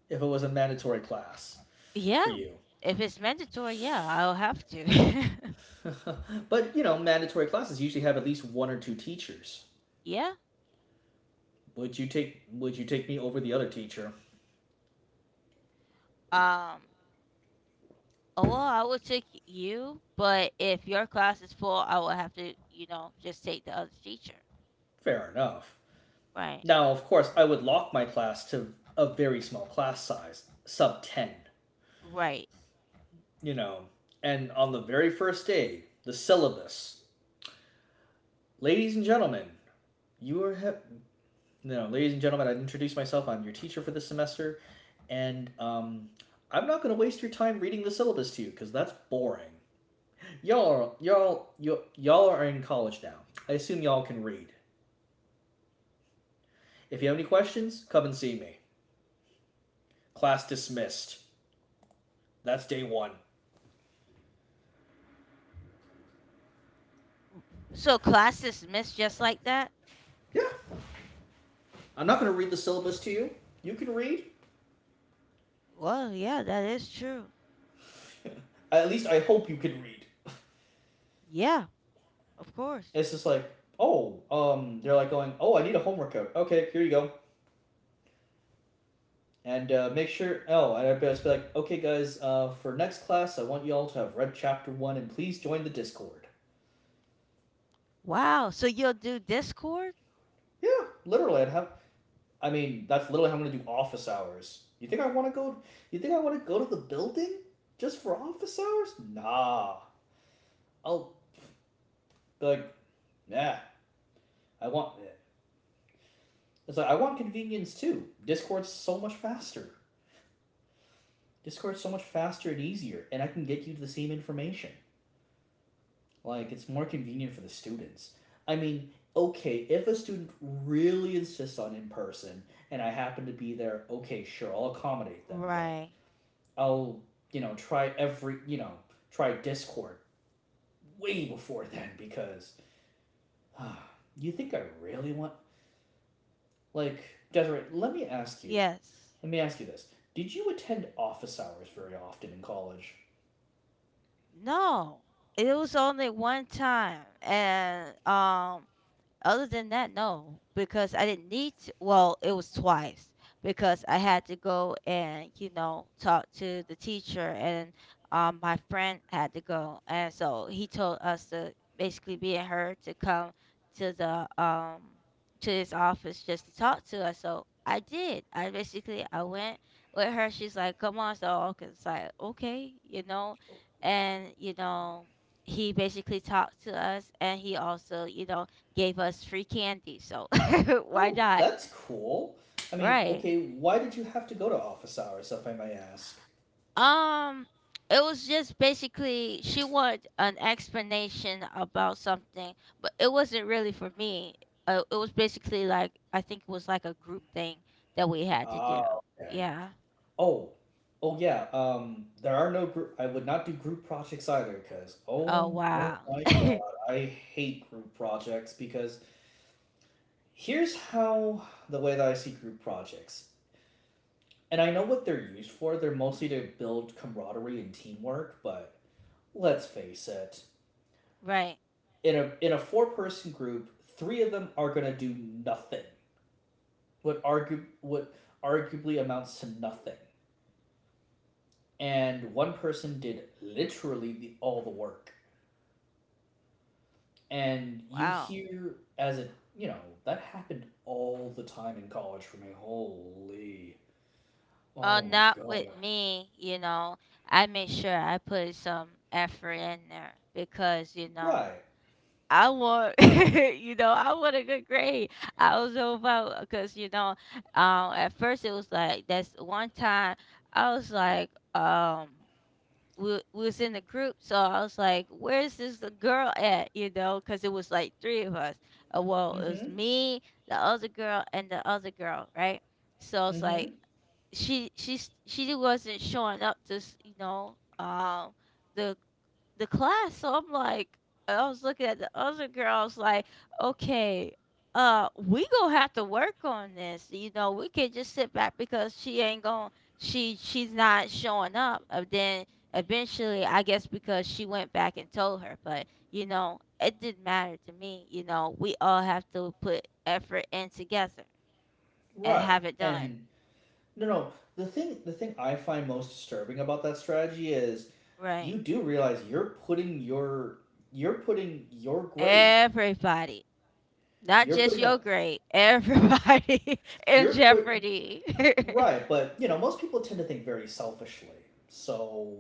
Speaker 2: if it was a mandatory class
Speaker 1: Yeah.
Speaker 2: for you?
Speaker 1: If it's mandatory, yeah, I'll have to.
Speaker 2: but you know, mandatory classes usually have at least one or two teachers.
Speaker 1: yeah.
Speaker 2: Would you take me over the other teacher?
Speaker 1: Um. Oh, well, I would take you, but if your class is full, I will have to, you know, just take the other teacher.
Speaker 2: Fair enough.
Speaker 1: Right.
Speaker 2: Now, of course, I would lock my class to a very small class size, sub 10,
Speaker 1: Right.
Speaker 2: you know. And on the very first day, the syllabus. Ladies and gentlemen, you are he- no, ladies and gentlemen, I introduce myself. I'm your teacher for this semester, and I'm not going to waste your time reading the syllabus to you because that's boring. Y'all y'all Y'all are in college now. I assume y'all can read. If you have any questions, come and see me. Class dismissed. That's day one.
Speaker 1: So class dismissed just like that?
Speaker 2: Yeah. I'm not gonna read the syllabus to you. You can read.
Speaker 1: Well, yeah, that is true.
Speaker 2: At least I hope you can read.
Speaker 1: Yeah, of course.
Speaker 2: It's just like, oh, they're like going, oh, I need a homework code. Okay, here you go. And make sure. Oh, and I'd just be like, okay, guys, for next class, I want y'all to have read chapter 1, and please join the Discord.
Speaker 1: Wow. So you'll do Discord?
Speaker 2: Yeah, literally, I mean, that's literally how I'm gonna do office hours. You think I want to go? You think I want to go to the building just for office hours? Nah. I'll be like, nah. I want. It's like I want convenience too. Discord's so much faster. Discord's so much faster and easier, and I can get you the same information. Like it's more convenient for the students. I mean, okay, if a student really insists on in person and I happen to be there, okay, sure, I'll accommodate them, but
Speaker 1: Right.
Speaker 2: I'll try every try Discord way before then because ah, you think I really want like Desiree. Let me ask you.
Speaker 1: Yes.
Speaker 2: Let me ask you this. Did you attend office hours very often in college?
Speaker 1: No. It was only one time and other than that, no, because I didn't need to. Well, it was twice because I had to go and, you know, talk to the teacher, and my friend had to go. And so he told us to basically be and her to come to the, um, to his office just to talk to us. So I did. I basically, I went with her. She's like, come on. So I was like, okay, you know, and, you know, he basically talked to us and he also you know gave us free candy, so why
Speaker 2: Oh,
Speaker 1: not?
Speaker 2: that's cool. I mean,
Speaker 1: Right.
Speaker 2: okay, why did you have to go to office hours, if I may ask?
Speaker 1: Um it was just basically she wanted an explanation about something, but it wasn't really for me. It was basically like I think it was like a group thing that we had to
Speaker 2: Ah,
Speaker 1: do.
Speaker 2: okay.
Speaker 1: Yeah.
Speaker 2: Oh, oh yeah. There are no group. I would not do group projects either, because
Speaker 1: Oh
Speaker 2: oh, oh
Speaker 1: wow.
Speaker 2: my god, I hate group projects because here's how the way that I see group projects, and I know what they're used for. They're mostly to build camaraderie and teamwork, but let's face it.
Speaker 1: right.
Speaker 2: In a four-person group, three of them are gonna do nothing. What argue what arguably amounts to nothing. And one person did literally all the work. And you
Speaker 1: Wow.
Speaker 2: hear as a that happened all the time in college for me. Holy. Oh my
Speaker 1: Not with
Speaker 2: god.
Speaker 1: me, you know. I made sure I put some effort in there because, you know,
Speaker 2: Right.
Speaker 1: I want, you know, I want a good grade. I was so about because you know, at first it was like that's one time I was like, we was in the group, so I was like, where's this the girl at? You know, because it was like three of us. Well, it was
Speaker 2: Mm-hmm.
Speaker 1: me, the other girl, and the other girl, right? So it's like
Speaker 2: Mm-hmm.
Speaker 1: she wasn't showing up to s- you know, the the class. So I'm like, I was looking at the other girls like, okay, we gonna have to work on this. You know, we can't just sit back because she ain't going she's not showing up. And then eventually, I guess because she went back and told her, but you know, it didn't matter to me. You know, we all have to put effort in together and
Speaker 2: Right.
Speaker 1: have it done
Speaker 2: And no, no. The thing I find most disturbing about that strategy is,
Speaker 1: right.
Speaker 2: you do realize you're putting your, you're putting your grade,
Speaker 1: Everybody. Not
Speaker 2: you're
Speaker 1: just
Speaker 2: putting
Speaker 1: your
Speaker 2: up,
Speaker 1: grade, everybody in
Speaker 2: you're put
Speaker 1: jeopardy.
Speaker 2: right. But you know, most people tend to think very selfishly. So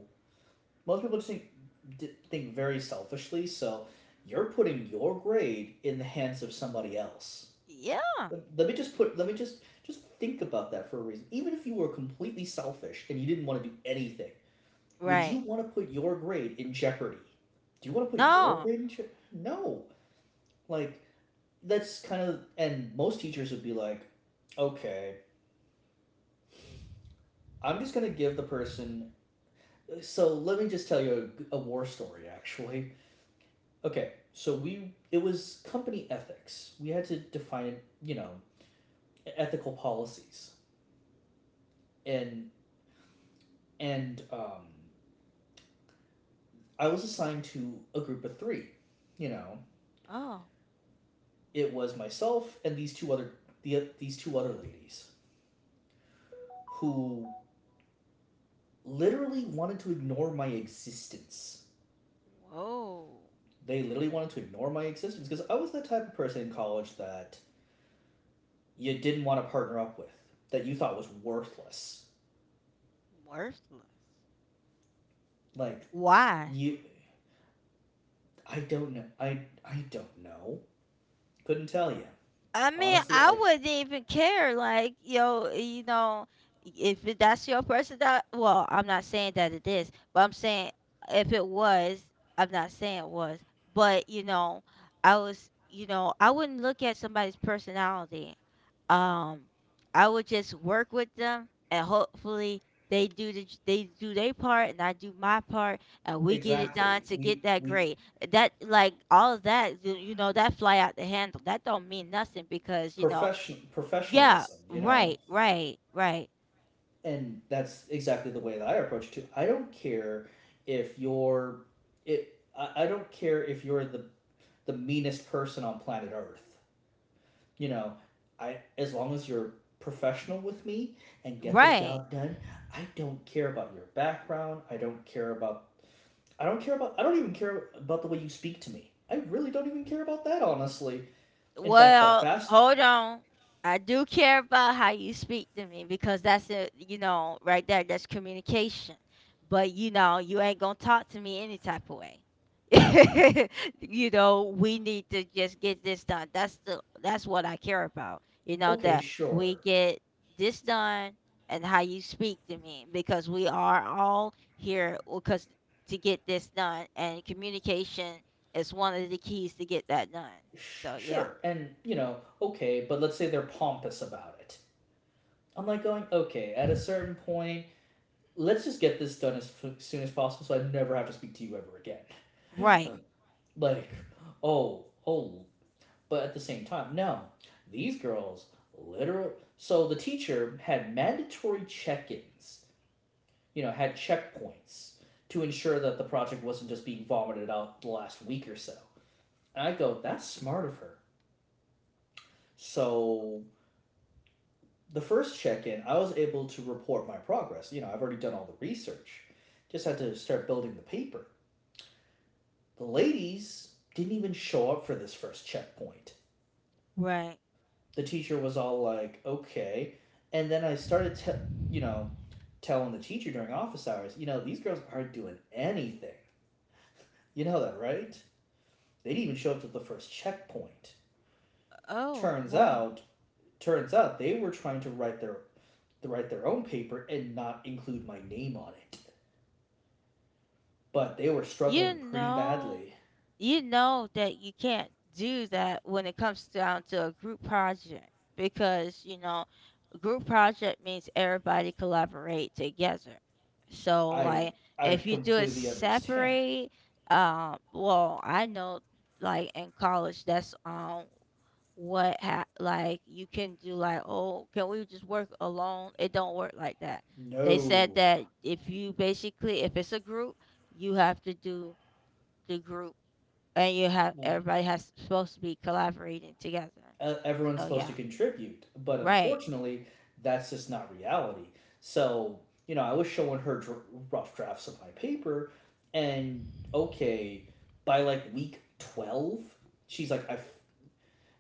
Speaker 2: most people just think think very selfishly. So you're putting your grade in the hands of somebody else.
Speaker 1: yeah,
Speaker 2: Let let me just put. Let me just think about that for a reason. Even if you were completely selfish and you didn't want to do anything. Would
Speaker 1: right.
Speaker 2: you want to put your grade in jeopardy? Do you want to put your
Speaker 1: No.
Speaker 2: grade in jeopardy? No. Like, that's kind of, and most teachers would be like, okay, I'm just going to give the person. So let me just tell you a war story, actually. Okay, so it was company ethics. We had to define, you know, ethical policies. And, and, um, I was assigned to a group of 3. You know,
Speaker 1: Oh,
Speaker 2: it was myself and these two other ladies, who literally wanted to ignore my existence.
Speaker 1: whoa.
Speaker 2: They literally wanted to ignore my existence because I was the type of person in college that you didn't want to partner up with, that you thought was worthless.
Speaker 1: Worthless.
Speaker 2: Like
Speaker 1: Why?
Speaker 2: you, I don't know. I don't know. Couldn't tell you
Speaker 1: I mean,
Speaker 2: honestly.
Speaker 1: I
Speaker 2: I
Speaker 1: wouldn't even care. Like, yo, you know, if it- that's your person that, well, I'm not saying that it is, but I'm saying if it was, I'm not saying it was, but, you know, I was, you know, I wouldn't look at somebody's personality. Um, I would just work with them, and hopefully they do the j- they do their part, and I do my part, and we get it done
Speaker 2: exactly.
Speaker 1: to get that
Speaker 2: We
Speaker 1: grade. That like all of that, you know, that fly out the handle. That don't mean nothing because you know, yeah,
Speaker 2: professionalism. You know,
Speaker 1: right, right, right,
Speaker 2: and that's exactly the way that I approach it too. I don't care if you're it. I don't care if you're the meanest person on planet Earth. You know, I as long as you're professional with me and get the
Speaker 1: right.
Speaker 2: job done, I don't care about your background. I don't even care about the way you speak to me. I really don't even care about that honestly. In fact, the
Speaker 1: Well,
Speaker 2: fast
Speaker 1: hold on. I do care about how you speak to me because that's it right there. That's communication. But you ain't gonna talk to me any type of way. We need to just get this done. That's what I care about. You know
Speaker 2: okay,
Speaker 1: that we
Speaker 2: sure.
Speaker 1: get this done, and how you speak to me because we are all here because to get this done, and communication is one of the keys to get that done.
Speaker 2: Sh-
Speaker 1: So yeah.
Speaker 2: sure. And, you know, okay, but let's say they're pompous about it. I'm like going, okay, at a certain point, let's just get this done as soon as possible so I never have to speak to you ever again.
Speaker 1: Right,
Speaker 2: Like, oh, oh, but at the same time, no. These girls, literal. So the teacher had mandatory check ins, you know, had checkpoints to ensure that the project wasn't just being vomited out the last week or so. And I go, that's smart of her. So the first check in, I was able to report my progress. You know, I've already done all the research, just had to start building the paper. The ladies didn't even show up for this first checkpoint.
Speaker 1: right.
Speaker 2: The teacher was all like, okay. And then you know, telling the teacher during office hours, you know, these girls aren't doing anything. You know that, right? They didn't even show up to the first checkpoint.
Speaker 1: Oh,
Speaker 2: Turns
Speaker 1: wow.
Speaker 2: out, turns out they were trying to write their own paper and not include my name on it. But they were
Speaker 1: You
Speaker 2: struggling pretty
Speaker 1: know,
Speaker 2: badly.
Speaker 1: you know that you can't do that when it comes down to a group project because, group project means everybody collaborate together. So,
Speaker 2: I
Speaker 1: like,
Speaker 2: I
Speaker 1: if you do it
Speaker 2: completely understand.
Speaker 1: separate, well, I know, like, in college, like you can do like, oh, can we just work alone? It don't work like that. They said
Speaker 2: No.
Speaker 1: that if you basically, if it's a group, you have to do the group, and you have, everybody has supposed to be collaborating together.
Speaker 2: Everyone's
Speaker 1: So
Speaker 2: supposed to
Speaker 1: yeah,
Speaker 2: contribute, but
Speaker 1: right,
Speaker 2: unfortunately, that's just not reality. So, you know, I was showing her dr- rough drafts of my paper, and okay, by like week 12, she's like, i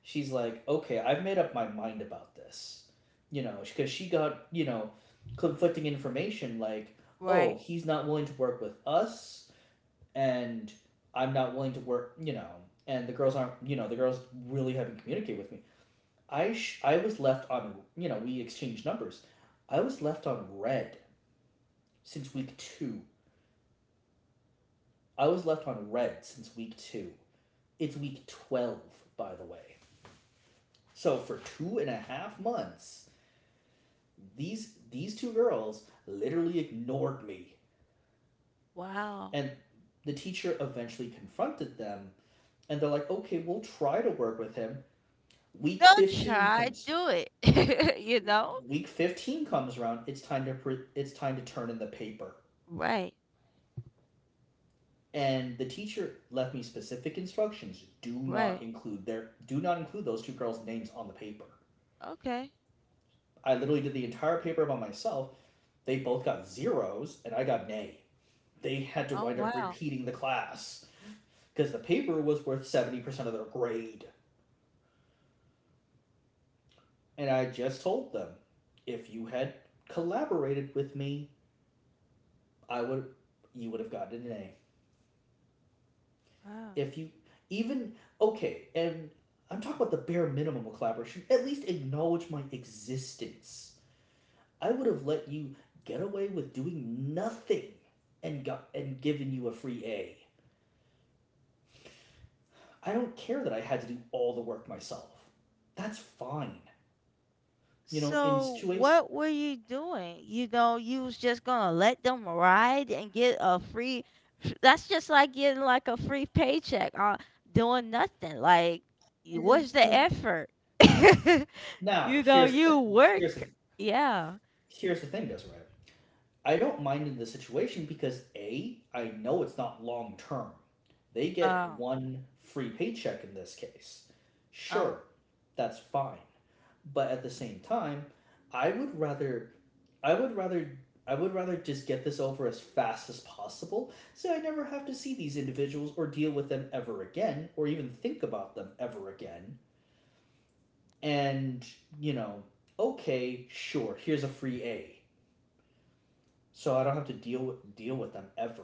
Speaker 2: she's like, okay, I've made up my mind about this. You know, because she got, you know, conflicting information like, oh,
Speaker 1: right.
Speaker 2: he's not willing to work with us, and I'm not willing to work, you know, and the girls aren't, you know, the girls really haven't communicated with me. I was left on. You know, we exchanged numbers. I was left on red since week two. I was left on red since week two. It's week 12, by the way. So for 2.5 months, these two girls literally ignored me,
Speaker 1: Wow.
Speaker 2: and the teacher eventually confronted them, and they're like, "Okay, we'll try to work with him." Week
Speaker 1: Don't
Speaker 2: 15
Speaker 1: try
Speaker 2: comes.
Speaker 1: do it.
Speaker 2: Week 15 comes around. It's time to turn in the paper,
Speaker 1: Right,
Speaker 2: and the teacher left me specific instructions: do not
Speaker 1: right,
Speaker 2: include their, do not include those two girls names on the paper.
Speaker 1: okay.
Speaker 2: I literally did the entire paper by myself. They both got zeros and I got an A. They had to
Speaker 1: Oh,
Speaker 2: wind up
Speaker 1: wow.
Speaker 2: repeating the class because the paper was worth 70% of their grade, and I just told them, if you had collaborated with me, I would you would have gotten an A.
Speaker 1: Wow.
Speaker 2: if you even okay, and I'm talking about the bare minimum of collaboration. At least acknowledge my existence. I would have let you get away with doing nothing and given you a free A. I don't care that I had to do all the work myself. That's fine. You know, in
Speaker 1: So
Speaker 2: situation.
Speaker 1: what were you doing? You know, you was just gonna let them ride and get a free? That's just like getting like a free paycheck on doing nothing. Like, what's the
Speaker 2: And
Speaker 1: effort?
Speaker 2: now
Speaker 1: You work.
Speaker 2: here's the
Speaker 1: Yeah.
Speaker 2: here's the thing, Desiree. I don't mind in the situation because A, I know it's not long term. They get
Speaker 1: Um.
Speaker 2: one free paycheck in this case.
Speaker 1: Um.
Speaker 2: Sure, that's fine. But at the same time, I would rather I would rather I would rather just get this over as fast as possible so I never have to see these individuals or deal with them ever again or even think about them ever again. And, you know, okay, sure, here's a free A. So I don't have to deal with them ever.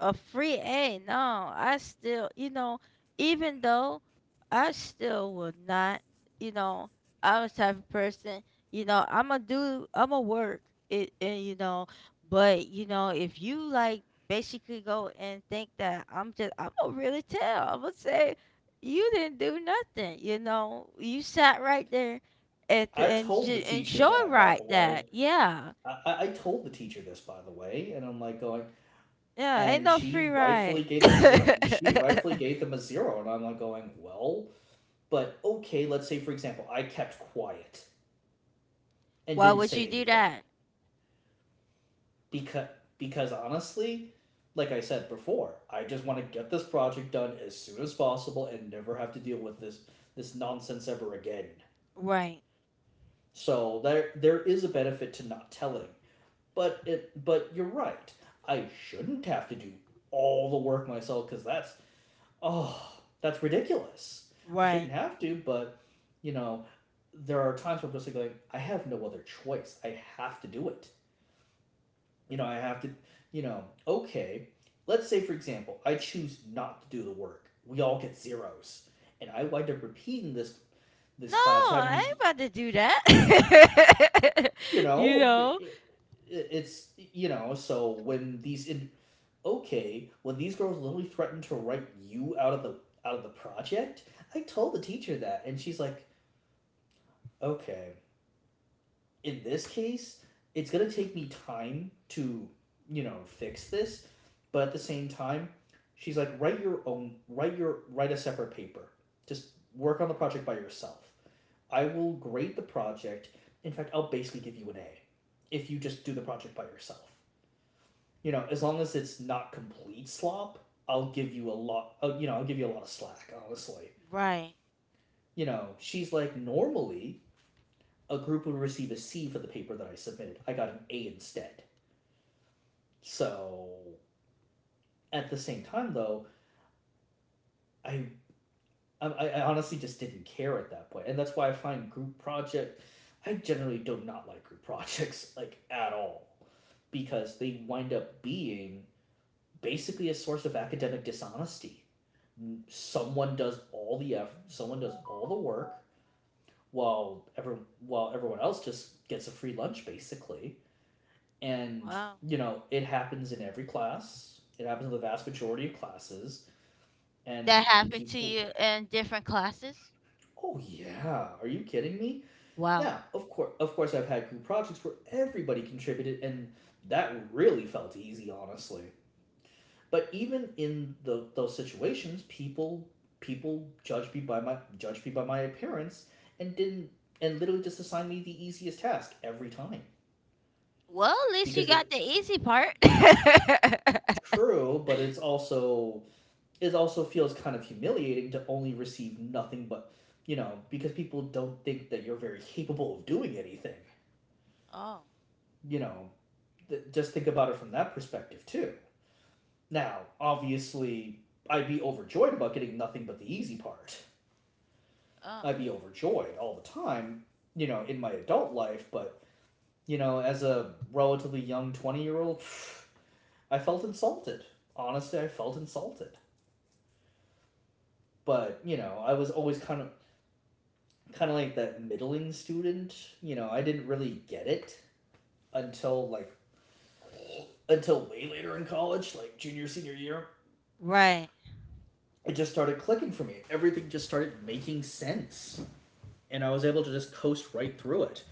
Speaker 1: A free A. No, I still, even though I still would not, you know, I'm a type of person, I'm gonna work it, and if you like basically go and think that I'm gonna say you didn't do nothing, you sat right there at the,
Speaker 2: I told the teacher
Speaker 1: enjoy
Speaker 2: that, by
Speaker 1: right
Speaker 2: the way.
Speaker 1: that, yeah,
Speaker 2: Told the teacher this, by the way, and I'm like going,
Speaker 1: yeah, ain't
Speaker 2: and
Speaker 1: no free
Speaker 2: she
Speaker 1: ride.
Speaker 2: rightfully gave them zero. She rightfully gave them a zero, and I'm like going, well, but okay. Let's say, for example, I kept quiet and
Speaker 1: Why
Speaker 2: didn't
Speaker 1: would
Speaker 2: say
Speaker 1: you do
Speaker 2: anything
Speaker 1: that?
Speaker 2: because because honestly, like I said before, I just want to get this project done as soon as possible and never have to deal with this, this nonsense ever again.
Speaker 1: Right.
Speaker 2: So there is a benefit to not telling. But it, but you're right. I shouldn't have to do all the work myself cuz that's, oh, that's ridiculous. I shouldn't
Speaker 1: Right.
Speaker 2: have to, but you know, there are times where I'm just like, going, I have no other choice. I have to do it. You know, I have to, you know, okay, let's say for example, I choose not to do the work. We all get zeros. And I wind up repeating this
Speaker 1: No,
Speaker 2: class
Speaker 1: I
Speaker 2: having to,
Speaker 1: ain't about to do that.
Speaker 2: you
Speaker 1: you
Speaker 2: know,
Speaker 1: know?
Speaker 2: it- it's you know, so when these in- okay, when these girls literally threatened to write you out of the project, I told the teacher that, and she's like, okay, in this case, it's gonna take me time to fix this, but at the same time, she's like, write your own, write your write a separate paper, just work on the project by yourself. I will grade the project. In fact, I'll basically give you an A if you just do the project by yourself. As long as it's not complete slop, I'll give you a lot. I'll give you a lot of slack. Honestly,
Speaker 1: Right.
Speaker 2: you know, she's like normally a group would receive a C for the paper that I submitted. I got an A instead. So at the same time, though, I I honestly just didn't care at that point, and that's why I find group project. I generally do not like group projects like at all, because they wind up being basically a source of academic dishonesty. Someone does all the effort, someone does all the work while every while everyone else just gets a free lunch basically. And
Speaker 1: Wow.
Speaker 2: it happens in every class. It happens in the vast majority of classes and
Speaker 1: That happened to
Speaker 2: people.
Speaker 1: you in different classes?
Speaker 2: Oh yeah, are you kidding me?
Speaker 1: Wow.
Speaker 2: Now, of course I've had group projects where everybody contributed and that really felt easy, honestly. But even in those situations, people judged me by my judged me by my appearance and didn't and literally just assigned me the easiest task every time
Speaker 1: Well, at least you
Speaker 2: because it's
Speaker 1: got the easy part.
Speaker 2: true, but it's also it also feels kind of humiliating to only receive nothing but because people don't think that you're very capable of doing anything.
Speaker 1: Oh, oh.
Speaker 2: You know, just think about it from that perspective too. Now, obviously, I'd be overjoyed about getting nothing but the easy part. I'd be overjoyed all the time, you know, in my adult life, but, you know, as a relatively young 20-year-old, I felt insulted. Honestly, I felt insulted. But, you know, I was always kind of like that middling student, you know, I didn't really get it until like until way later in college, like junior senior year.
Speaker 1: Right.
Speaker 2: It just started clicking for me. Everything just started making sense, and I was able to just coast right through it.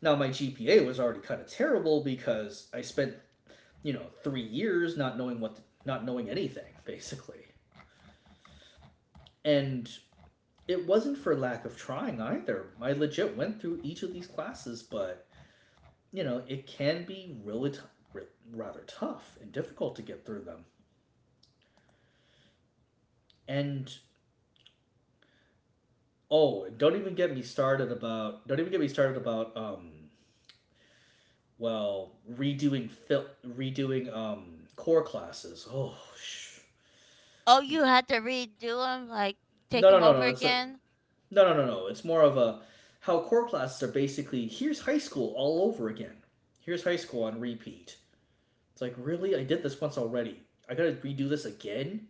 Speaker 2: Now my GPA was already kind of terrible because I spent you know, 3 years not knowing anything, basically. And it wasn't for lack of trying either. I legit went through each of these classes, but, you know, it can be really, r- rather tough and difficult to get through them. And, oh, don't even get me started about, don't even get me started about, well, redoing core classes. Oh, shh,
Speaker 1: Oh, you had to redo them, like take
Speaker 2: no, no,
Speaker 1: them
Speaker 2: no,
Speaker 1: over
Speaker 2: no. It's No,
Speaker 1: again?
Speaker 2: no, no, no. It's more of a how core classes are basically here's high school all over again. Here's high school on repeat. It's like, really? I did this once already. I gotta redo this again?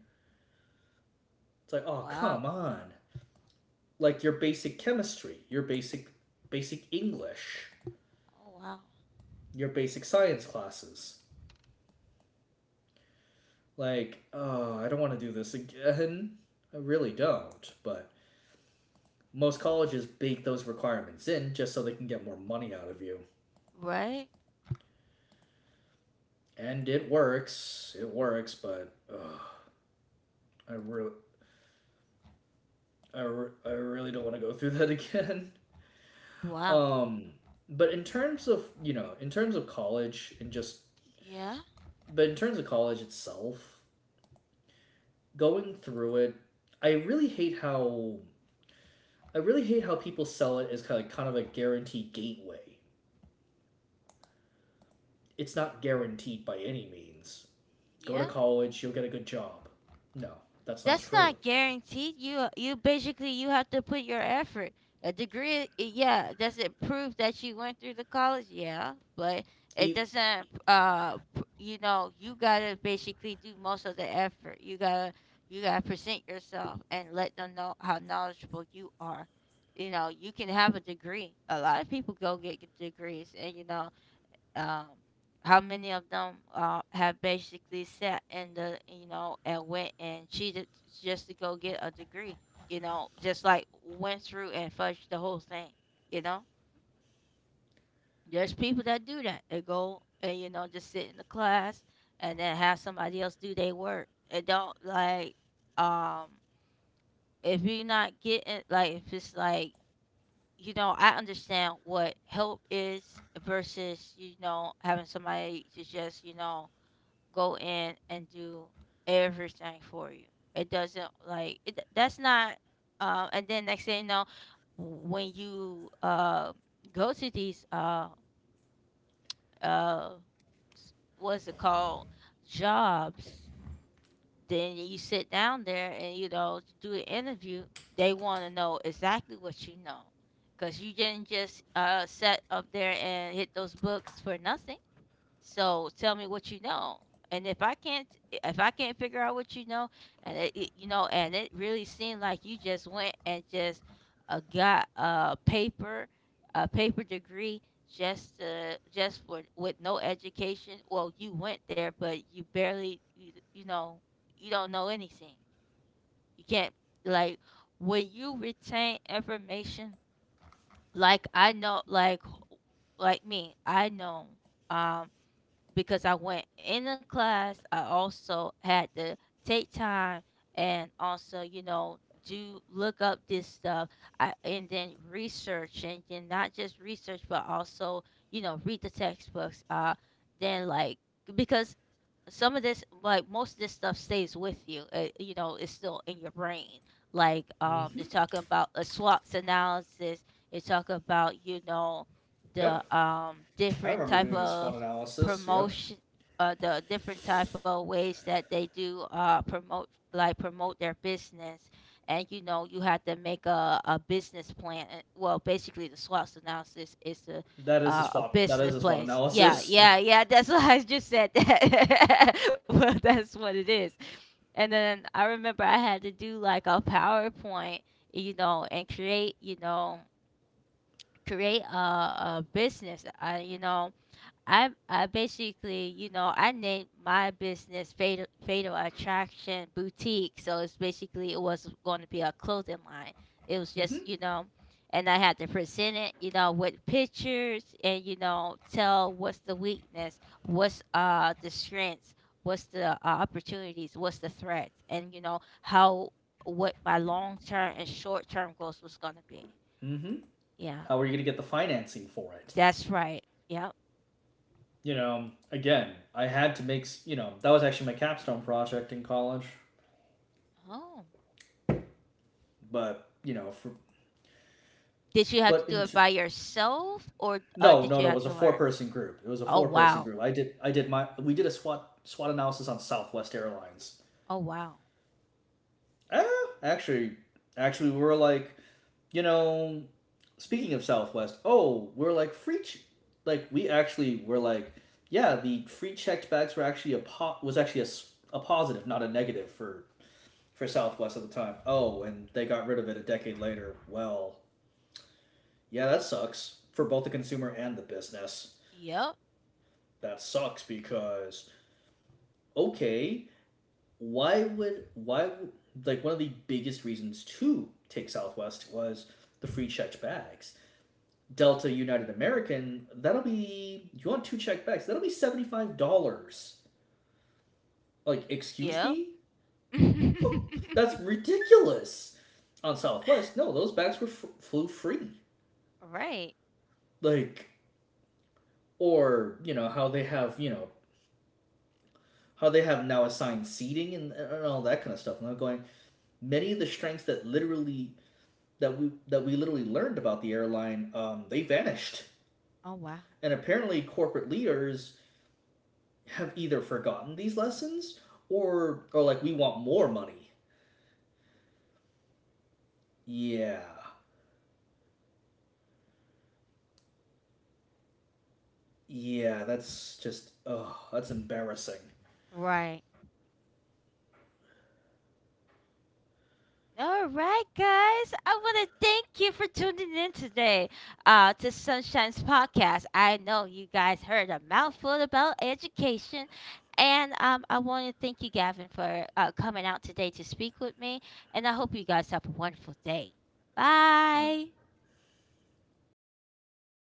Speaker 2: It's like, oh,
Speaker 1: Wow.
Speaker 2: come on. Like your basic chemistry, your basic basic English,
Speaker 1: Oh, wow.
Speaker 2: your basic science classes. Like, oh, I don't want to do this again. I really don't, but most colleges bake those requirements in just so they can get more money out of you.
Speaker 1: Right?
Speaker 2: And it works. It works, but ugh. I really, I really don't want to go through that again.
Speaker 1: Wow.
Speaker 2: Um, but in terms of you know, in terms of college and just,
Speaker 1: Yeah.
Speaker 2: but in terms of college itself, going through it, I really hate how I really hate how people sell it as kind of a guaranteed gateway. It's not guaranteed by any means. Go to
Speaker 1: Yeah.
Speaker 2: college, you'll get a good job. No, that's not
Speaker 1: That's
Speaker 2: true.
Speaker 1: not guaranteed. You you basically, you have to put your effort. A degree, yeah, does it prove that you went through the college? Yeah, but it
Speaker 2: E-
Speaker 1: doesn't. You know, you gotta basically do most of the effort. You gotta present yourself and let them know how knowledgeable you are. You know, you can have a degree. A lot of people go get degrees, and um, how many of them have basically sat in the, you know, and went and cheated just to go get a degree, you know, just like went through and fudged the whole thing, you know. There's people that do that. They go and, you know, just sit in the class and then have somebody else do their work. It don't like, um if you're not getting, like if it's like, you know, I understand what help is versus, you know, having somebody to just, you know, go in and do everything for you. It doesn't like it, that's not. And then next thing you know, when you go to these uh what's it called, jobs, then you sit down there and, you know, do the interview. They want to know exactly what you know, cause you didn't just set up there and hit those books for nothing. So tell me what you know. And if I can't figure out what you know, and you know, and it really seemed like you just went and just got a paper, a paper degree, just to, just for, with no education. Well, you went there but you know, you don't know anything. You can't, like, when you retain information, like I know like like me, I know, um because I went in the class. I also had to take time and also, you know, do look up this stuff I, and then research, and then not just research, but also, you know, read the textbooks. Then like, because some of this, like most of this stuff, stays with you. It, you know, it's still in your brain. Like they're
Speaker 2: Mhm.
Speaker 1: talking about a SWOT analysis. They talk about, you know,
Speaker 2: Yep,
Speaker 1: the
Speaker 2: I
Speaker 1: different
Speaker 2: remember
Speaker 1: type
Speaker 2: doing the SWOT
Speaker 1: of
Speaker 2: analysis. Yep,
Speaker 1: promotion, the different type of ways that they do promote, like promote their business. And you know you have to make a business plan and- well basically the SWOT analysis is the
Speaker 2: that is a
Speaker 1: a
Speaker 2: SWOT. That
Speaker 1: business
Speaker 2: is a SWOT
Speaker 1: place, yeah,
Speaker 2: analysis.
Speaker 1: yeah, yeah. That's what I just said. That, well, that's what it is. And then I remember I had to do like a PowerPoint, you know, and create, you know, create a business, I, you know, I basically, you know, I named my business Fatal Attraction Boutique. So it's basically it was going to be a clothing line. It was
Speaker 2: Mm-hmm.
Speaker 1: just, you know, and I had to present it, you know, with pictures and, you know, tell what's the weakness, what's the strengths, what's the opportunities, what's the threats, and you know how what my long term and short term goals was going to be.
Speaker 2: Mm-hmm.
Speaker 1: Yeah,
Speaker 2: How are you gonna get the financing for it?
Speaker 1: that's right. Yep.
Speaker 2: You know, again, I had to make that was actually my capstone project in college,
Speaker 1: Oh.
Speaker 2: but you know, for
Speaker 1: Did you have to
Speaker 2: but
Speaker 1: do
Speaker 2: in
Speaker 1: it by yourself, or
Speaker 2: no,
Speaker 1: did
Speaker 2: no,
Speaker 1: you
Speaker 2: no, it
Speaker 1: have
Speaker 2: was a
Speaker 1: to learn?
Speaker 2: four-person group. It was a
Speaker 1: Oh
Speaker 2: four-person
Speaker 1: wow.
Speaker 2: group. I did my, we did a SWOT analysis on Southwest Airlines.
Speaker 1: Oh wow.
Speaker 2: Ah, actually, actually, we were like you know, speaking of Southwest, oh, we're like free, ch- like we actually were like, yeah, the free checked bags were actually a po- was actually a positive, not a negative for Southwest at the time. Oh, and they got rid of it a decade later. Well, yeah, that sucks for both the consumer and the business.
Speaker 1: Yep.
Speaker 2: That sucks because okay, why would- like one of the biggest reasons to take Southwest was the free checked bags. Delta United American, that'll be you want two check bags, that'll be $75. Like, excuse
Speaker 1: Yep.
Speaker 2: me? That's ridiculous. On Southwest, no, those bags were flew free.
Speaker 1: Right.
Speaker 2: Like or, you know, how they have now assigned seating and all that kind of stuff. And I'm going, many of the strengths that literally that we literally learned about the airline, they vanished.
Speaker 1: Oh wow.
Speaker 2: And apparently corporate leaders have either forgotten these lessons or like we want more money. Yeah. Yeah, that's just oh, that's embarrassing.
Speaker 1: Right. All right, guys. I want to thank you for tuning in today to Sunshine's podcast. I know you guys heard a mouthful about education, and I want to thank you, Gavin, for coming out today to speak with me. And I hope you guys have a wonderful day.
Speaker 2: All right.
Speaker 1: Bye.